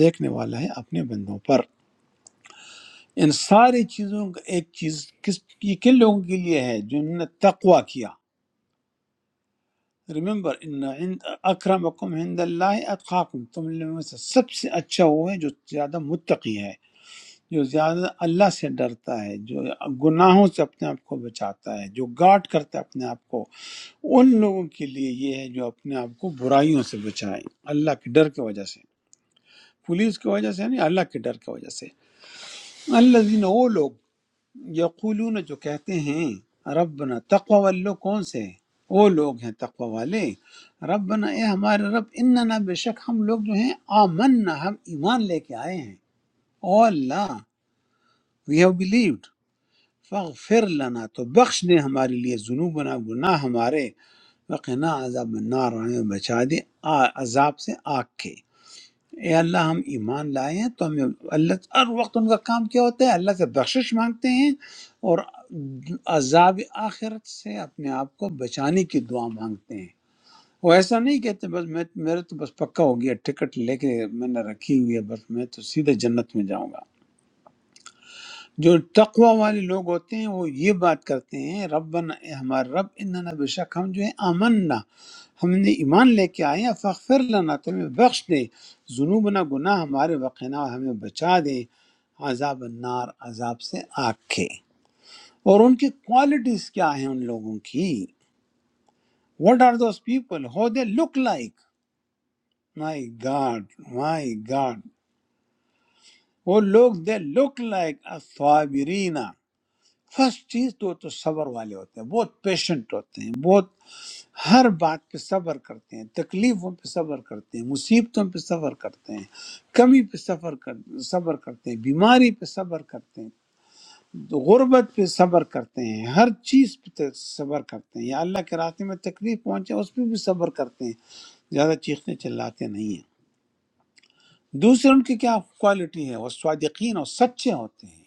A: دیکھنے والا ہے اپنے بندوں پر ان ساری چیزوں کا ایک چیز کس یہ کن لوگوں کے لیے ہے جنہوں نے تقوی کیا ریمبر ان عند اکرمکم عند اللہ اتقاکم تم لوگوں میں سے سب سے اچھا وہ ہے جو زیادہ متقی ہے جو زیادہ اللہ سے ڈرتا ہے جو گناہوں سے اپنے آپ کو بچاتا ہے جو گارڈ کرتا ہے اپنے آپ کو ان لوگوں کے لیے یہ ہے جو اپنے آپ کو برائیوں سے بچائیں اللہ کے ڈر کی وجہ سے پولیس کی وجہ سے نہیں اللہ کے ڈر کی وجہ سے اللہ وہ لوگ یقولون جو کہتے ہیں ربنا تقوی والو کون سے ہیں؟ وہ لوگ ہیں تقوی والے ربنا اے ہمارے رب اننا بے شک ہم لوگ جو ہیں آمنا ہم ایمان لے کے آئے ہیں او اللہ وی ہیو بلیوڈ فاغفر لنا تو بخش دے ہمارے لیے ذنوبنا گناہ ہمارے وقنا عذاب النار اور ہمیں بچا دے آ- عذاب سے آگ کے اے اللہ ہم ایمان لائے ہیں تو ہمیں اللہ ہر وقت ان کا کام کیا ہوتا ہے اللہ سے بخشش مانگتے ہیں اور عذاب آخرت سے اپنے آپ کو بچانے کی دعا مانگتے ہیں وہ ایسا نہیں کہتے بس میں میرے تو بس پکا ہو گیا ٹکٹ لے کے میں نے رکھی ہوئی ہے بس میں تو سیدھے جنت میں جاؤں گا جو تقوی والے لوگ ہوتے ہیں وہ یہ بات کرتے ہیں ربنا اے ہمارے رب اننا بے شک ہم جو ہیں آمنا ہم نے ایمان لے کے آئے ہیں فاغفر لنا تو ہمیں بخش دے ذنوبنا گناہ ہمارے وقنا ہمیں بچا دے عذاب النار عذاب سے آگ کے اور ان کی کوالٹیز کیا ہیں ان لوگوں کی what are those people who they look like my god my god وہ لوگ دے لک لائک الصابرین، فرسٹ چیز تو تو صبر والے ہوتے ہیں بہت پیشنٹ ہوتے ہیں بہت ہر بات پہ صبر کرتے ہیں تکلیفوں پہ صبر کرتے ہیں مصیبتوں پہ صبر کرتے ہیں کمی پہ صبر کر صبر کرتے ہیں بیماری پہ صبر کرتے ہیں غربت پہ صبر کرتے ہیں ہر چیز پہ ت- صبر کرتے ہیں یا اللہ کے راستے میں تکلیف پہنچے اس پہ بھی صبر کرتے ہیں زیادہ چیختے چلاتے نہیں ہیں دوسرے ان کی کیا کوالٹی ہے وہ صادقین اور سچے ہوتے ہیں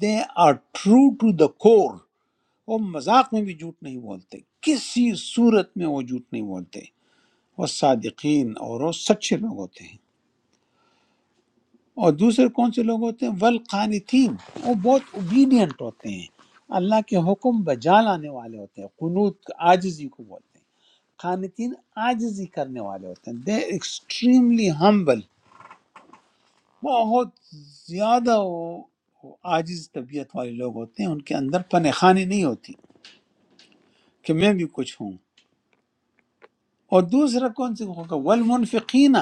A: they are true to the core وہ مذاق میں بھی جھوٹ نہیں بولتے کسی صورت میں وہ جھوٹ نہیں بولتے وہ صادقین اور وہ سچے لوگ ہوتے ہیں اور دوسرے کون سے لوگ ہوتے ہیں والقانتین وہ بہت اوبیڈینٹ ہوتے ہیں اللہ کے حکم بجا لانے والے ہوتے ہیں قنوت عاجزی کو بولتے ہیں قانتین عاجزی کرنے والے ہوتے ہیں دے ایکسٹریملی ہمبل بہت زیادہ وہ وہ عاجز طبیعت والے لوگ ہوتے ہیں ان کے اندر پنخانی نہیں ہوتی کہ میں بھی کچھ ہوں اور دوسرا کون سے ہوگا والمنفقین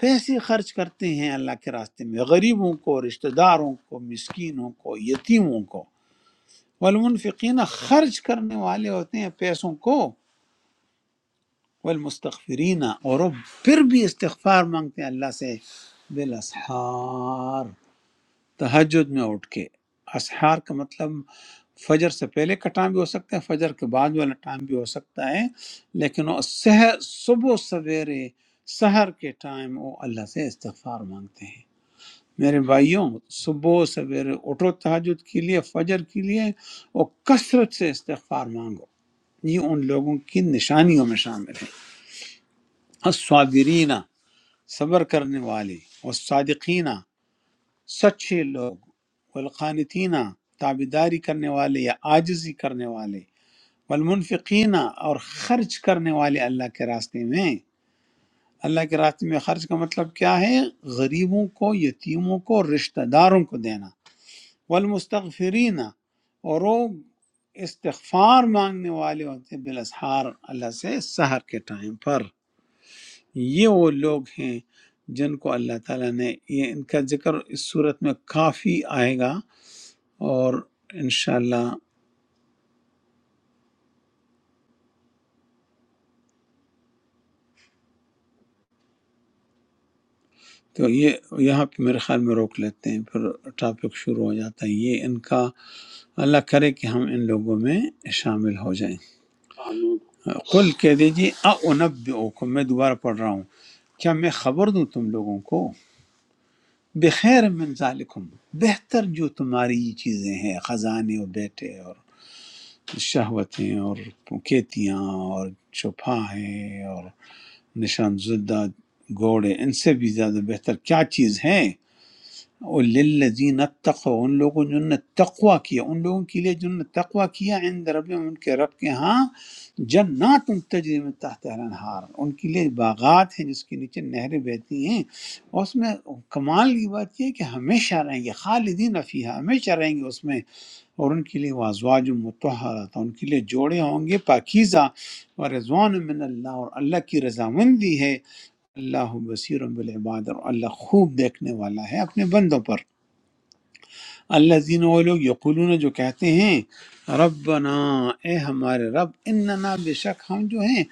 A: پیسے خرچ کرتے ہیں اللہ کے راستے میں غریبوں کو رشتہ داروں کو مسکینوں کو یتیموں کو والمنفقین خرچ کرنے والے ہوتے ہیں پیسوں کو والمستغفرین اور وہ پھر بھی استغفار مانگتے ہیں اللہ سے بالاسحار تہجد میں اٹھ کے اسحار کا مطلب فجر سے پہلے کا ٹائم بھی ہو سکتا ہے فجر کے بعد والا ٹائم بھی ہو سکتا ہے لیکن وہ سحر صبح سویرے سحر کے ٹائم وہ اللہ سے استغفار مانگتے ہیں میرے بھائیوں صبح سویرے اٹھو تہجد کے لیے فجر کے لیے اور کثرت سے استغفار مانگو یہ ان لوگوں کی نشانیوں میں شامل ہے الصابرینہ صبر کرنے والے اور صادقینہ سچے لوگ والقانتینہ تابیداری کرنے والے یا آجزی کرنے والے والمنفقینہ اور خرچ کرنے والے اللہ کے راستے میں اللہ کے راستے میں خرچ کا مطلب کیا ہے غریبوں کو یتیموں کو رشتہ داروں کو دینا والمستغفرینہ اور وہ استغفار مانگنے والے ہوتے ہیں بالاسحار اللہ سے سحر کے ٹائم پر یہ وہ لوگ ہیں جن کو اللہ تعالیٰ نے یہ ان کا ذکر اس صورت میں کافی آئے گا اور انشاءاللہ تو یہ یہاں پہ میرے خیال میں روک لیتے ہیں پھر ٹاپک شروع ہو جاتا ہے یہ ان کا اللہ کرے کہ ہم ان لوگوں میں شامل ہو جائیں آمین قل کہہ دیجیے اونبئوکم میں دوبارہ پڑھ رہا ہوں کیا میں خبر دوں تم لوگوں کو بخیر من ذالکم بہتر جو تمہاری یہ چیزیں ہیں خزانے اور بیٹے اور شہوتیں اور کیتیاں اور چھپا ہے اور نشان زدہ گھوڑے ان سے بھی زیادہ بہتر کیا چیز ہے اور للذین اتقوا ان لوگوں جنہوں نے تقوا کیا ان لوگوں کے لیے جنہوں نے تقوا کیا عند ربهم ان کے رب کے ہاں جنات تجری من تحت الانہار ان کے لیے باغات ہیں جس کے نیچے نہریں بہتی ہیں اور اس میں کمال کی بات یہ ہے کہ ہمیشہ رہیں گے خالدین فیہا ہمیشہ رہیں گے اس میں اور ان کے لیے وازواج متحرات ان کے لیے جوڑے ہوں گے پاکیزہ اور رضوان من اللہ اور اللہ کی رضامندی ہے اللہ بصیر بالعباد اور اللہ خوب دیکھنے والا ہے اپنے بندوں پر اللہ زین وہ لوگ یقولون جو کہتے ہیں ربنا اے ہمارے رب اننا بے شک ہم جو ہیں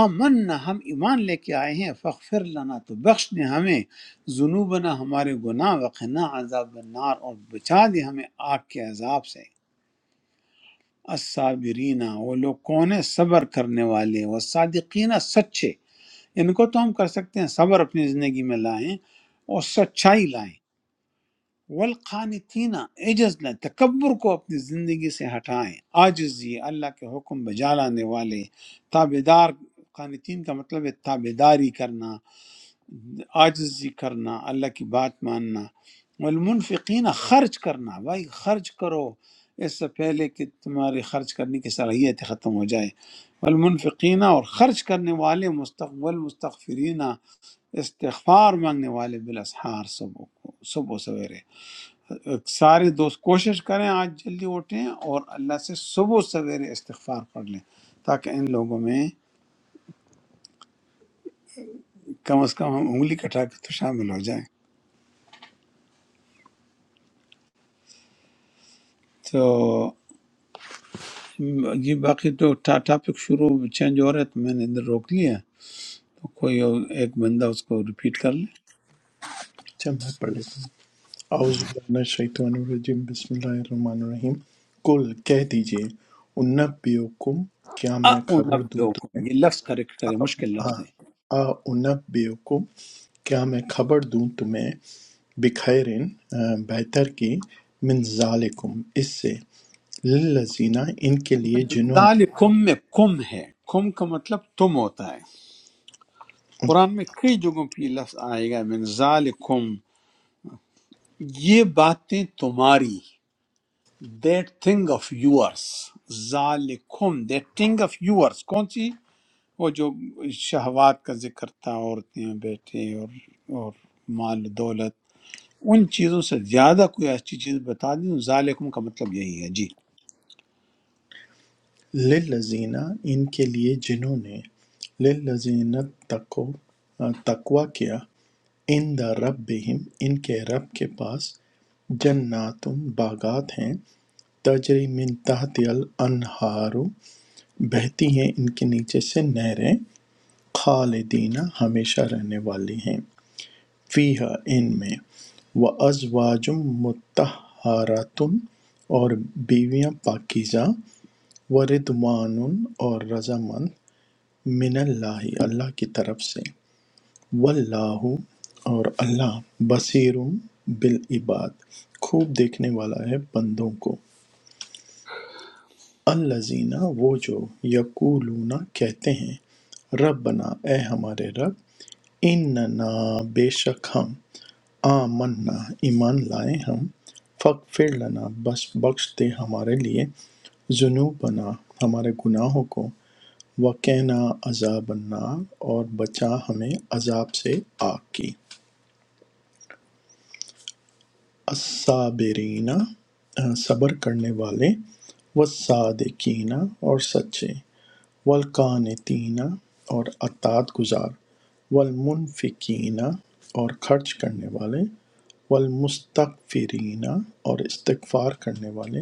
A: آمنا ہم ایمان لے کے آئے ہیں فغفر لنا تو بخش دے ہمیں ذنوبنا ہمارے گناہ وقنا عذاب النار اور بچا دے ہمیں آگ کے عذاب سے الصابرین وہ لوگ کون ہیں صبر کرنے والے والصادقین سچے ان کو تو ہم کر سکتے ہیں صبر اپنی زندگی میں لائیں اور سچائی لائیں والقانتین عجز لائیں تکبر کو اپنی زندگی سے ہٹائیں عاجزی اللہ کے حکم بجا لانے والے تابدار قانتین کا مطلب ہے تابداری کرنا آجزی کرنا اللہ کی بات ماننا والمنفقین خرچ کرنا بھائی خرچ کرو اس سے پہلے کہ تمہاری خرچ کرنے کی صلاحیت ختم ہو جائے والمنفقین اور خرچ کرنے والے مستقبل مستغفرین استغفار مانگنے والے بالاسحار صبح کو صبح سویرے سارے دوست کوشش کریں آج جلدی اٹھیں اور اللہ سے صبح سویرے استغفار پڑھ لیں تاکہ ان لوگوں میں کم از کم ہم انگلی کٹا کے تو شامل ہو جائیں تو یہ باقی تو ٹاپک شروع چینج ہو رہا ہے تو میں نے ادھر روک لیا ہے۔ تو کوئی اور ایک بندہ اس کو ریپیٹ کر لے
G: اچھا میں پڑھ لیتا ہوں اعوذ باللہ من الشیطان الرجیم بسم اللہ الرحمن الرحیم کل کہہ دیجئے انبیوکم کیا میں خبر دوں
A: اُنبئکم یہ لفظ کریکٹ کرے مشکل
G: تمہیں آ
A: لفظ ہے
G: آ انبیوکم کیا میں خبر دوں تمہیں بخیرن آ، بہتر کی من ذالکم اس سے للذینہ ان کے لیے جنہوں
A: ذالکم میں کم ہے کم کا مطلب تم ہوتا ہے قرآن میں کئی جگہوں پہ یہ لفظ آئے گا من ذالکم یہ باتیں تمہاری دیٹ تھنگ آف یورس ذالکم دیٹ تھنگ آف یورس کون سی وہ جو شہوات کا ذکر تھا عورتیں بیٹے اور اور مال و دولت ان چیزوں سے زیادہ کوئی اچھی چیز بتا دیں ظالکم کا مطلب یہی ہے جی
G: نے للذینہ ان کے لیے جنہوں نے للذین تقو آ، تقوی کیا ان دا رب بہم، ان کے رب کے پاس جنات باغات ہیں تجری من تحت الانہار بہتی ہیں ان کے نیچے سے نہریں خالدین ہمیشہ رہنے والی ہیں فیہا ان میں و ازواجم متحراتن اور بیویاں پاکیزہ و ردوان اور رضامند من اللہ اللہ کی طرف سے واللہ اور اللہ بصیر بالعباد خوب دیکھنے والا ہے بندوں کو الذین وہ جو یقولون کہتے ہیں ربنا اے ہمارے رب اننا بے شک ہم آمنا ایمان لائے ہم فغفر لنا بس بخش دے ہمارے لیے ذنوبنا ہمارے گناہوں کو وقنا عذاب النار اور بچا ہمیں عذاب سے آگ کی الصابرین آ، صبر کرنے والے والصادقین اور سچے والقانتین اور اطاعت گزار والمنفقین اور خرچ کرنے والے والمستغفرین اور استغفار کرنے والے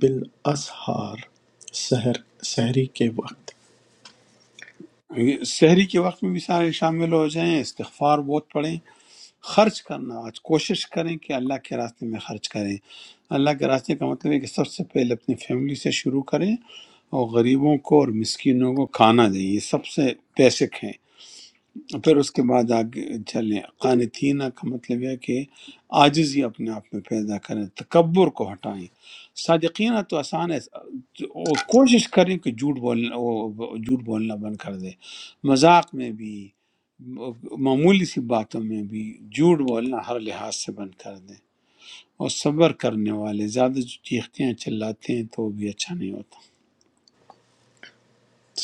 G: بالاسحار سحر سحری کے وقت
A: شہری کے وقت میں بھی سارے شامل ہو جائیں استغفار بہت پڑھیں خرچ کرنا آج کوشش کریں کہ اللہ کے راستے میں خرچ کریں اللہ کے راستے کا مطلب ہے کہ سب سے پہلے اپنی فیملی سے شروع کریں اور غریبوں کو اور مسکینوں کو کھانا دیں یہ سب سے بیسک ہیں پھر اس کے بعد آگے چلیں قانتینہ کا مطلب یہ ہے کہ عاجزی اپنے آپ میں پیدا کریں تکبر کو ہٹائیں صادقینہ تو آسان ہے وہ کوشش کریں کہ جھوٹ بولنا وہ جھوٹ بولنا بند کر دیں مذاق میں بھی معمولی سی باتوں میں بھی جھوٹ بولنا ہر لحاظ سے بند کر دیں اور صبر کرنے والے زیادہ جو چیختے ہیں چلاتے ہیں تو وہ بھی اچھا نہیں ہوتا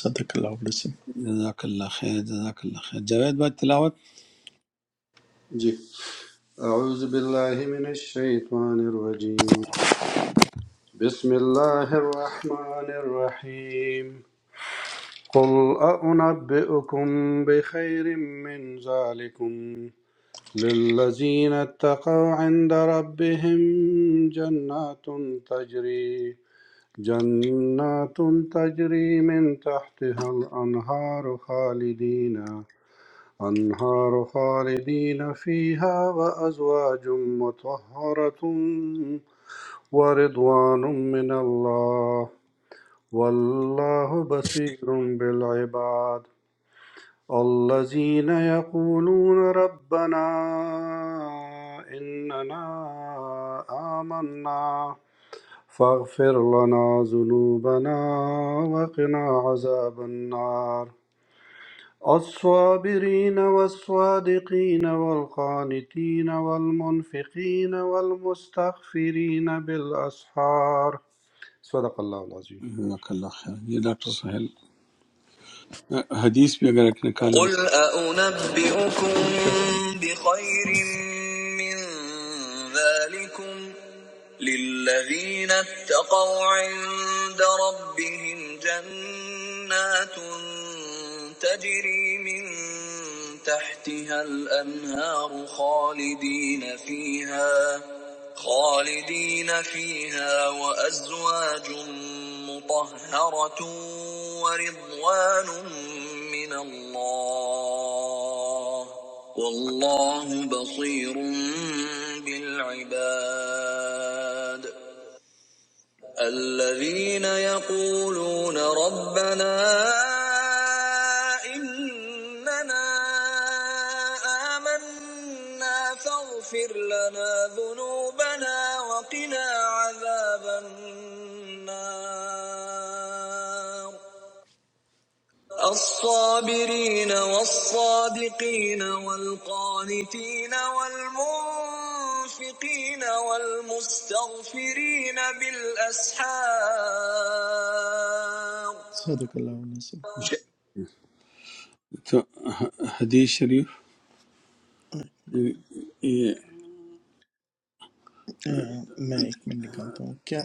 G: صدق اللہ علیہ
A: جزاک اللہ خیر جزاک اللہ خیر جاوید بھائی تلاوت
F: أعوذ بالله من الشيطان الرجيم بسم الله الرحمن الرحيم قل أنبئكم بخير من ذلكم للذين اتقوا عند ربهم جنات تجري جنات تجري من تحتها الأنهار خالدين أنهار خالدين فيها وأزواج مطهرة ورضوان من الله والله بصير بالعباد الذين يقولون ربنا إننا آمنا فاغفر لنا ذنوبنا وقنا عذاب النار الصابرين والصادقين والقانتين والمنفقين والمستغفرين بالأسحار صدق الله العظيم
A: جزاک اللہ خیر یہ ڈاکٹر سہیل حدیث بھی اگر ایک نکالیں
G: قل أنبئكم بخير من ذلكم للذين اتقوا عند ربهم جنات تجري من تحتها الأنهار خالدين فيها خالدين فيها وأزواج مطهرة ورضوان من الله والله بصير بالعباد الذين يقولون ربنا إننا آمنا فاغفر لنا ذنوبنا وقنا عذاب النار الصابرين والصادقين والقانتين والمنفقين والمستغفرين بالأسحار صدق اللہ علیہ وسلم
A: تو حدیث شریف یہ-
G: میں ایک منٹ نکالتا ہوں کیا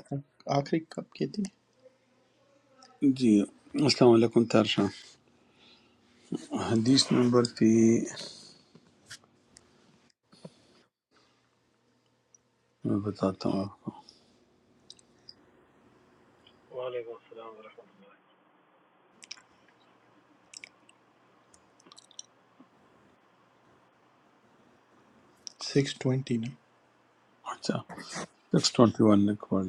G: آخری کب کی تھی
A: جی السلام علیکم طاہر شاہ حدیث نمبر تھی میں بتاتا ہوں آپ کو
I: Waalaikumsalam warahmatullah.
G: سکس ٹوینٹی نا
A: اچھا سکس ٹوینٹی ون نے پڑھ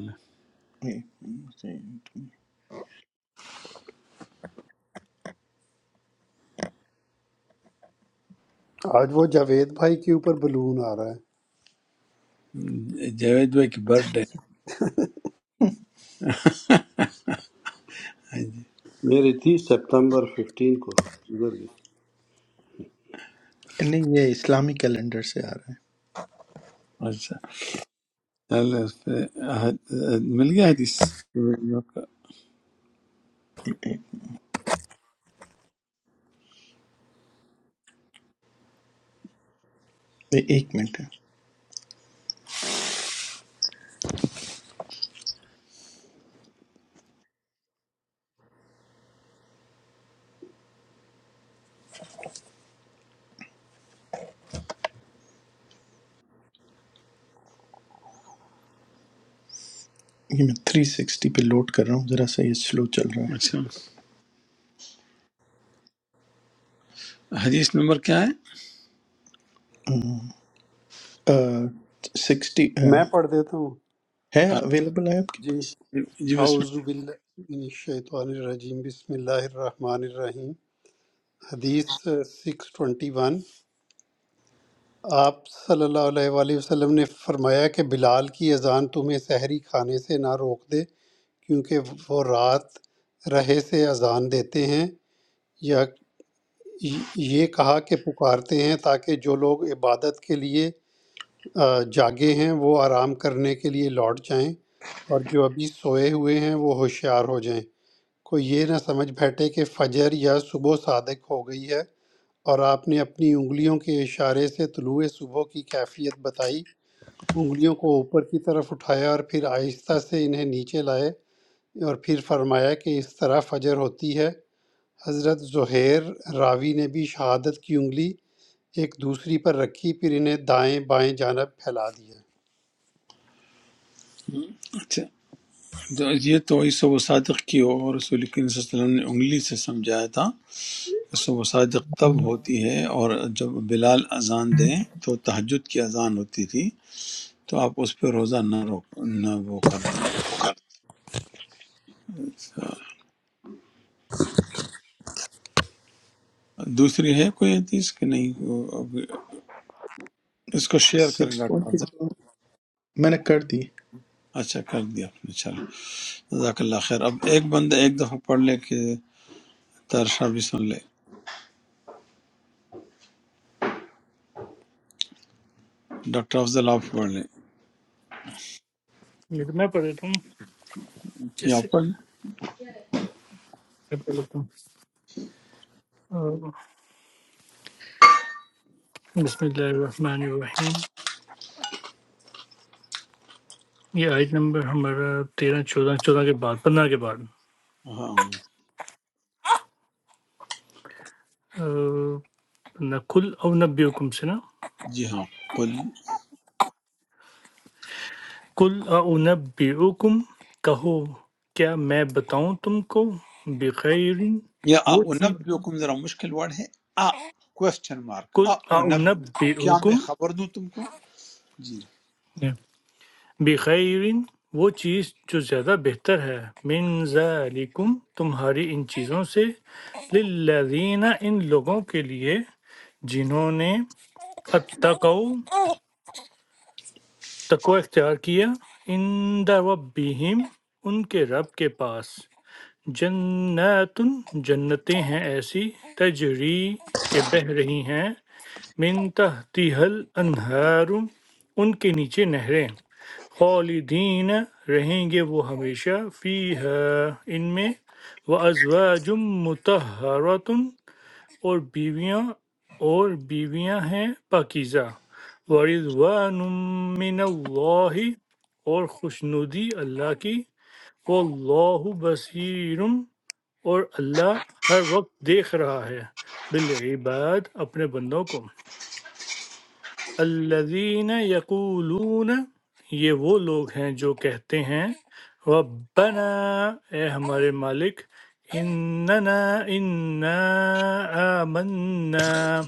D: آج وہ جاوید بھائی کے اوپر بلون آ رہا ہے
A: لیں جاوید بھائی کی برتھ ڈے
F: मेरी थी सितंबर 15 को गुजर
G: نہیں یہ اسلامی کیلنڈر سے آ رہا ہے
A: اچھا چلے اس پہ حد- مل گیا حدیث
G: ایک منٹ ہے یہ میں تھری سکسٹی پہ لوڈ کر رہا ہوں ذرا سا یہ سلو چل رہا
A: اچھا حدیث نمبر کیا ہے
G: ہے سکسٹی
D: میں پڑھ دیتا ہوں
G: ہے
A: ہاں،
G: اویلیبل ہے آپ کے
D: جی
G: پاس
A: جی بس
D: اعوذ باللہ من الشیطان الرجیم بسم اللہ الرحمن الرحیم حدیث سکس ٹوینٹی ون آپ صلی اللہ علیہ وآلہ وسلم نے فرمایا کہ بلال کی اذان تمہیں سحری کھانے سے نہ روک دے کیونکہ وہ رات رہے سے اذان دیتے ہیں یا یہ کہا کہ پکارتے ہیں تاکہ جو لوگ عبادت کے لیے آ، جاگے ہیں وہ آرام کرنے کے لیے لوٹ جائیں اور جو ابھی سوئے ہوئے ہیں وہ ہوشیار ہو جائیں کوئی یہ نہ سمجھ بیٹھے کہ فجر یا صبح صادق ہو گئی ہے اور آپ نے اپنی انگلیوں کے اشارے سے طلوع صبح کی کیفیت بتائی انگلیوں کو اوپر کی طرف اٹھایا اور پھر آہستہ سے انہیں نیچے لائے اور پھر فرمایا کہ اس طرح فجر ہوتی ہے حضرت زہیر راوی نے بھی شہادت کی انگلی ایک دوسری پر رکھی پھر انہیں دائیں بائیں جانب پھیلا دیا
A: اچھا تو یہ تو عیسی و صادق کی ہو اور رسول کریم صلی اللہ علیہ وسلم نے انگلی سے سمجھایا تھا سو مساجد تب ہوتی ہے اور جب بلال اذان دیں تو تہجد کی اذان ہوتی تھی تو آپ اس پہ روزہ نہ روک نہ وہ کر دوسری ہے کوئی حدیث کہ نہیں وہ- اس کو شیئر کریں
G: سکس
A: ڈاکٹر
G: ٹوینٹی
A: افضل۔
G: میں نے کر دی
A: اچھا کر دیا آپ نے چلو جزاک اللہ خیر اب ایک بندہ ایک دفعہ پڑھ لے کہ ترشا بھی سن لے ڈاکٹر افضل آپ پڑھ لیں
E: یہ تو میں پڑھ دیتا ہوں
A: جی
E: جیسے
A: آپ پڑھ لیں
E: میں پڑھ لیتا ہوں بسم اللہ الرحمن الرحیم یہ آیت نمبر ہمارا تیرہ چودہ چودہ کے بعد پندرہ کے بعد
A: ہاں
E: آ، نہ کل او نبی حکم سے نا
A: جی ہاں قل
E: کل او نبی حکم کہو کیا میں بتاؤں تم کو بخیر
A: یا
E: وہ چیز
A: اُنبئکم ذرا مشکل ورڈ ہے آ کوشچن مارک
E: کل
A: آ
E: او
A: اونب
E: نبی
A: کیا میں
E: حکم
A: خبر دوں تم کو جی
E: Yeah. بخیر وہ چیز جو زیادہ بہتر ہے من ذالکم تمہاری ان چیزوں سے للذین ان لوگوں کے لیے جنہوں نے اتقوا تقوی اختیار کیا عند ربہم ان کے رب کے پاس جنات جنتیں ہیں ایسی تجری کے بہہ رہی ہیں من تحتها الانہار ان کے نیچے نہریں خالدین رہیں گے وہ ہمیشہ فیہا ان میں وازواج مطہرات اور بیویاں اور بیویاں ہیں پاکیزہ ورضوان من اللہ اور خوشنودی اللہ کی واللہ بصیر اور اللہ ہر وقت دیکھ رہا ہے بالعباد اپنے بندوں کو الذین یقولون یہ وہ لوگ ہیں جو کہتے ہیں ربنا اے ہمارے مالک اننا انا آمنا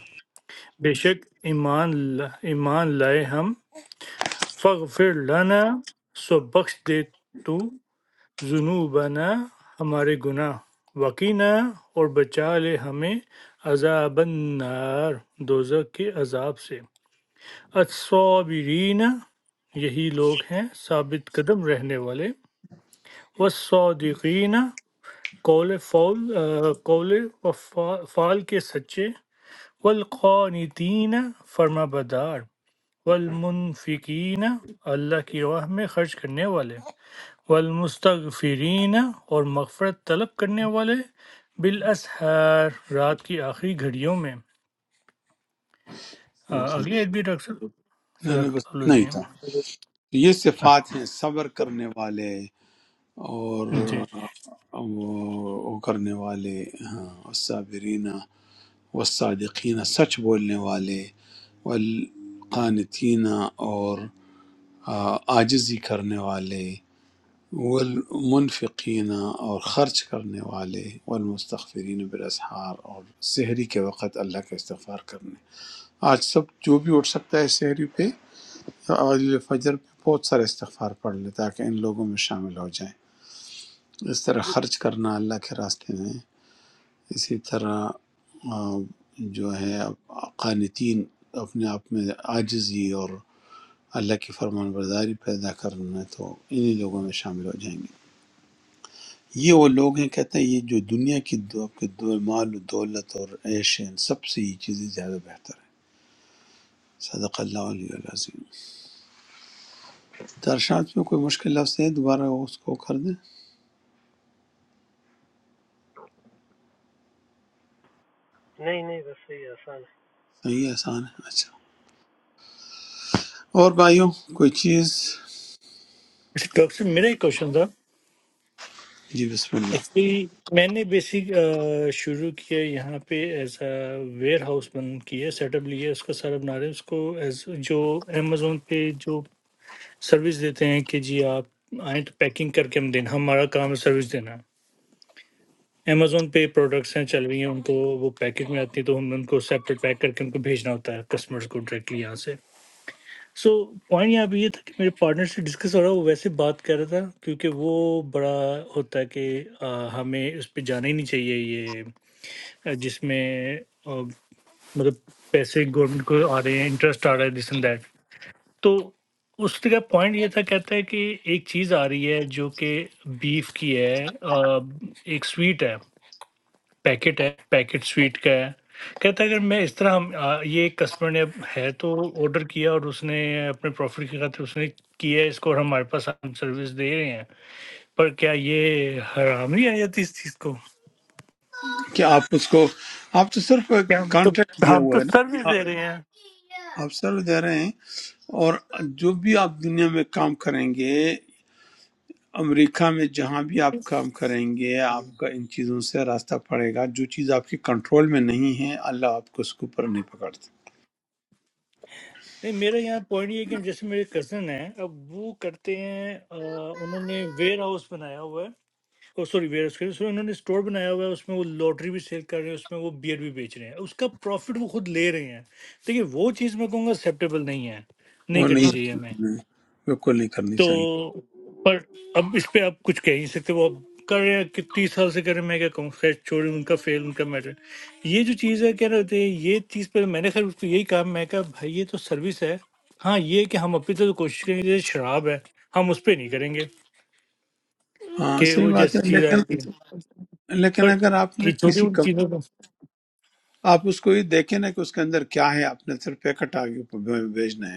E: بے شک ایمان ایمان لائے ہم فغفر لنا سو بخش دے تو ذنوبنا ہمارے گناہ وقینا اور بچا لے ہمیں عذاب النار دوزک کے عذاب سے الصابرین یہی لوگ ہیں ثابت قدم رہنے والے والصادقین قول فول آ، قول و فا- فعال کے سچے والقانتین فرما بدار والمنفقین اللہ کی راہ میں خرچ کرنے والے والمستغفرین اور مغفرت طلب کرنے والے بالاسحار رات کی آخری گھڑیوں میں آ،
A: صدق اللہ۔
E: اگلی ایت بھی ڈاکٹر صاحب
A: نہیں نہیں
E: صدق
A: بس
E: اللہ
A: اتنا ہی
E: العظیم
A: تھا تو یہ صفات ہیں صبر کرنے والے اور
E: جی
A: وہ وہ کرنے والے ہاں والصابرین والصادقین سچ بولنے والے والقانتین اور آ، عاجزی کرنے والے والمنفقین اور خرچ کرنے والے والمستغفرین بالاسحار اور سحری کے وقت اللہ کا استغفار کرنے آج سب جو بھی اٹھ سکتا ہے سحری پہ آج فجر پہ بہت سارے استغفار پڑھ لے تاکہ ان لوگوں میں شامل ہو جائیں اس طرح خرچ کرنا اللہ کے راستے میں اسی طرح آ، جو ہے قانتین اپنے آپ میں عاجزی اور اللہ کی فرمان برداری پیدا کرنا تو انہی لوگوں میں شامل ہو جائیں گے یہ وہ لوگ ہیں کہتے ہیں یہ جو دنیا کی دو آپ کے دو مال و دولت اور عیش ہیں ان سب سے یہ چیزیں زیادہ بہتر ہیں صدق اللہ علیہ العظیم ترشات میں کوئی مشکل لفظ ہے دوبارہ وہ اس کو کر دیں
I: Ney, ney, bessiya, sana.
A: صحیح آسان ہے اچھا اور بھائیوں کوئی چیز
E: اچھا، ڈاکٹر صاحب، میرا ایک کوشچن تھا
A: جی بسم اللہ
E: ایکچولی میں نے بیسک شروع کیا یہاں پہ ایز اے ویئر ہاؤس بند کیا سیٹ اپ لیا اس کا سارا بنا رہے ہیں اس کو ایز جو امیزون پہ جو سروس دیتے ہیں کہ جی آپ آئیں تو پیکنگ کر کے ہم دینا ہمارا کام ہے سروس دینا امیزون پہ پروڈکٹس ہیں چل رہی ہیں ان کو وہ پیکٹ میں آتی ہیں تو ہم ان کو سیپریٹ پیک کر کے ان کو بھیجنا ہوتا ہے کسٹمرز کو ڈائریکٹلی یہاں سے سو پوائنٹ یہاں پہ یہ تھا کہ میرے پارٹنر سے ڈسکس ہو رہا وہ ویسے بات کر رہا تھا کیونکہ وہ بڑا ہوتا ہے کہ آ، ہمیں اس پہ جانا ہی نہیں چاہیے یہ آ، جس میں آ، مطلب پیسے گورنمنٹ کو آ رہے ہیں انٹرسٹ آ رہا ہے دس اینڈ دیٹ۔ تو اس کا پوائنٹ یہ تھا کہتا ہے کہ ایک چیز آ رہی ہے جو کہ بیف کی ہے آ، ایک سویٹ ہے پیکٹ ہے پیکٹ سویٹ کا ہے کہتا ہے اگر میں اس طرح ہم- آ، یہ ایک کسٹمر نے ہے تو آرڈر کیا اور اس نے اپنے پروفٹ کی خاطر اس نے کیا ہے اس کو اور ہمارے پاس ہم سروس دے رہے ہیں پر کیا یہ حرام نہیں آ جاتی اس چیز کو
A: کیا آپ اس کو آپ تو صرف
E: کیا ہم تو
A: کانٹریکٹ دیا
E: ہم تو
A: ہوا ہے
E: سروس
A: نا
E: دے رہے ہیں
A: آ- آپ سر دے رہے ہیں اور جو بھی آپ دنیا میں کام کریں گے امریکہ میں جہاں بھی آپ کام کریں گے آپ کا ان چیزوں سے راستہ پڑے گا جو چیز آپ کے کنٹرول میں نہیں ہے اللہ آپ کو اس کے اوپر نہیں پکڑتا
E: نہیں میرا یہاں پوائنٹ یہ ہے کہ جیسے میرے کزن ہیں اب وہ کرتے ہیں آ، انہوں نے ویئر ہاؤس بنایا ہوا ہے او سوری ویئر ہاؤس کے، اس میں انہوں نے اسٹور بنایا ہوا ہے اس میں وہ لاٹری بھی سیل کر رہے ہیں اس میں وہ بیئر بھی بیچ رہے ہیں اس کا پروفٹ وہ خود لے رہے ہیں دیکھیے وہ چیز میں کہوں گا ایکسیپٹیبل نہیں ہے نہیں
A: وہ
E: کرنی
A: نہیں
E: چاہیے
A: اچھی
E: ہمیں
A: چیز ہے، بالکل نہیں کرنی
E: تو
A: چاہیے
E: پر اب اس پہ آپ کچھ کہہ نہیں سکتے وہ اب کر رہے ہیں کہ تیس سال سے کر رہے ہیں میں کیا کہوں خیر چھوڑیں ان کا فیل ان کا میٹر یہ جو چیز ہے کہہ رہے ہوتے ہیں یہ چیز پہ میں نے خیر اس کو یہی کہا میں کہا بھائی یہ تو سروس ہے ہاں یہ کہ ہم اپنی طرف کوشش کریں گے جیسے شراب ہے ہم اس پہ نہیں کریں گے
A: ہاں
E: کہ
A: صحیح
E: وہ
A: بات ہے
E: جیسی چیز
A: لیکن
E: آئی تھی
A: لیکن
E: پر
A: اگر آپ نے
E: یہ چھوٹی
A: کسی
E: موٹی
A: کم
E: چیزوں کا
A: آپ اس کو یہ دیکھیں نا کہ اس کے اندر کیا ہے آپ نے صرف پیکٹ آگے اوپر بھیجنا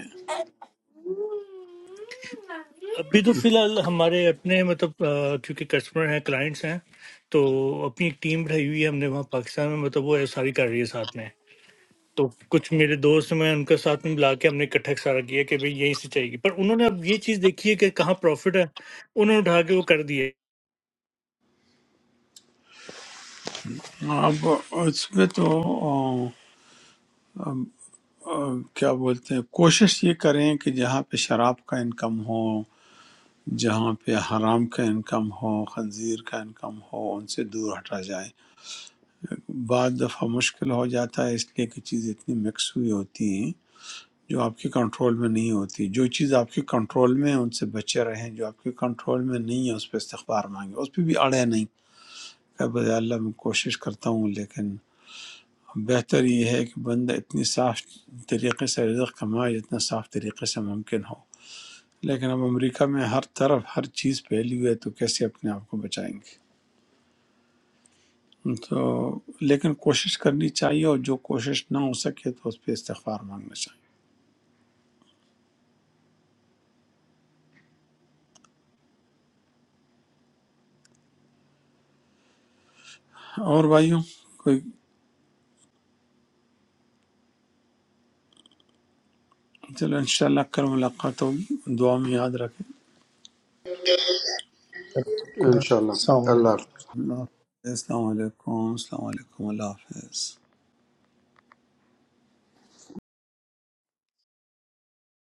E: ابھی تو فی
A: ہے
E: الحال ہمارے اپنے مطلب آ، کیونکہ کسٹمر ہیں کلائنٹس ہیں تو اپنی ایک ٹیم بنائی ہوئی ہے ہم نے وہاں پاکستان میں مطلب وہ ساری کر رہی ہے ساتھ میں تو کچھ میرے دوست ہیں، میں ان کے ساتھ میں ملا کے ہم نے اکٹھا سارا کیا کہ بھئی یہیں سے چاہیے گی پر انہوں نے اب یہ چیز دیکھی ہے کہ کہاں پروفٹ ہے انہوں نے اٹھا کے وہ کر دی ہے
A: اب اس میں تو آ، آ، کیا بولتے ہیں کوشش یہ کریں کہ جہاں پہ شراب کا انکم ہو جہاں پہ حرام کا انکم ہو خنزیر کا انکم ہو ان سے دور ہٹا جائے بعض دفعہ مشکل ہو جاتا ہے اس لیے کہ چیزیں اتنی مکس ہوئی ہوتی ہیں جو آپ کے کنٹرول میں نہیں ہوتی جو چیز آپ کے کنٹرول میں ہے ان سے بچے رہیں جو آپ کے کنٹرول میں نہیں ہے اس پہ استغفار مانگیں اس پہ بھی اڑے نہیں کہ بھائی اللہ میں کوشش کرتا ہوں لیکن بہتر یہ ہے کہ بندہ اتنی صاف طریقے سے رزق کمائے جتنا صاف طریقے سے ممکن ہو لیکن اب امریکہ میں ہر طرف ہر چیز پھیلی ہوئی ہے تو کیسے اپنے آپ کو بچائیں گے تو لیکن کوشش کرنی چاہیے اور جو کوشش نہ ہو سکے تو اس پہ استغفار مانگنا چاہیے اور بھائیوں کوئی چلو انشاءاللہ کل ملاقات ہوگی دعا میں یاد رکھیں
F: गई
G: خدا
F: इंशाल्लाह
G: ساؤنڈ
F: अल्लाह
A: اللہ حافظ السلام علیکم السلام علیکم اللہ حافظ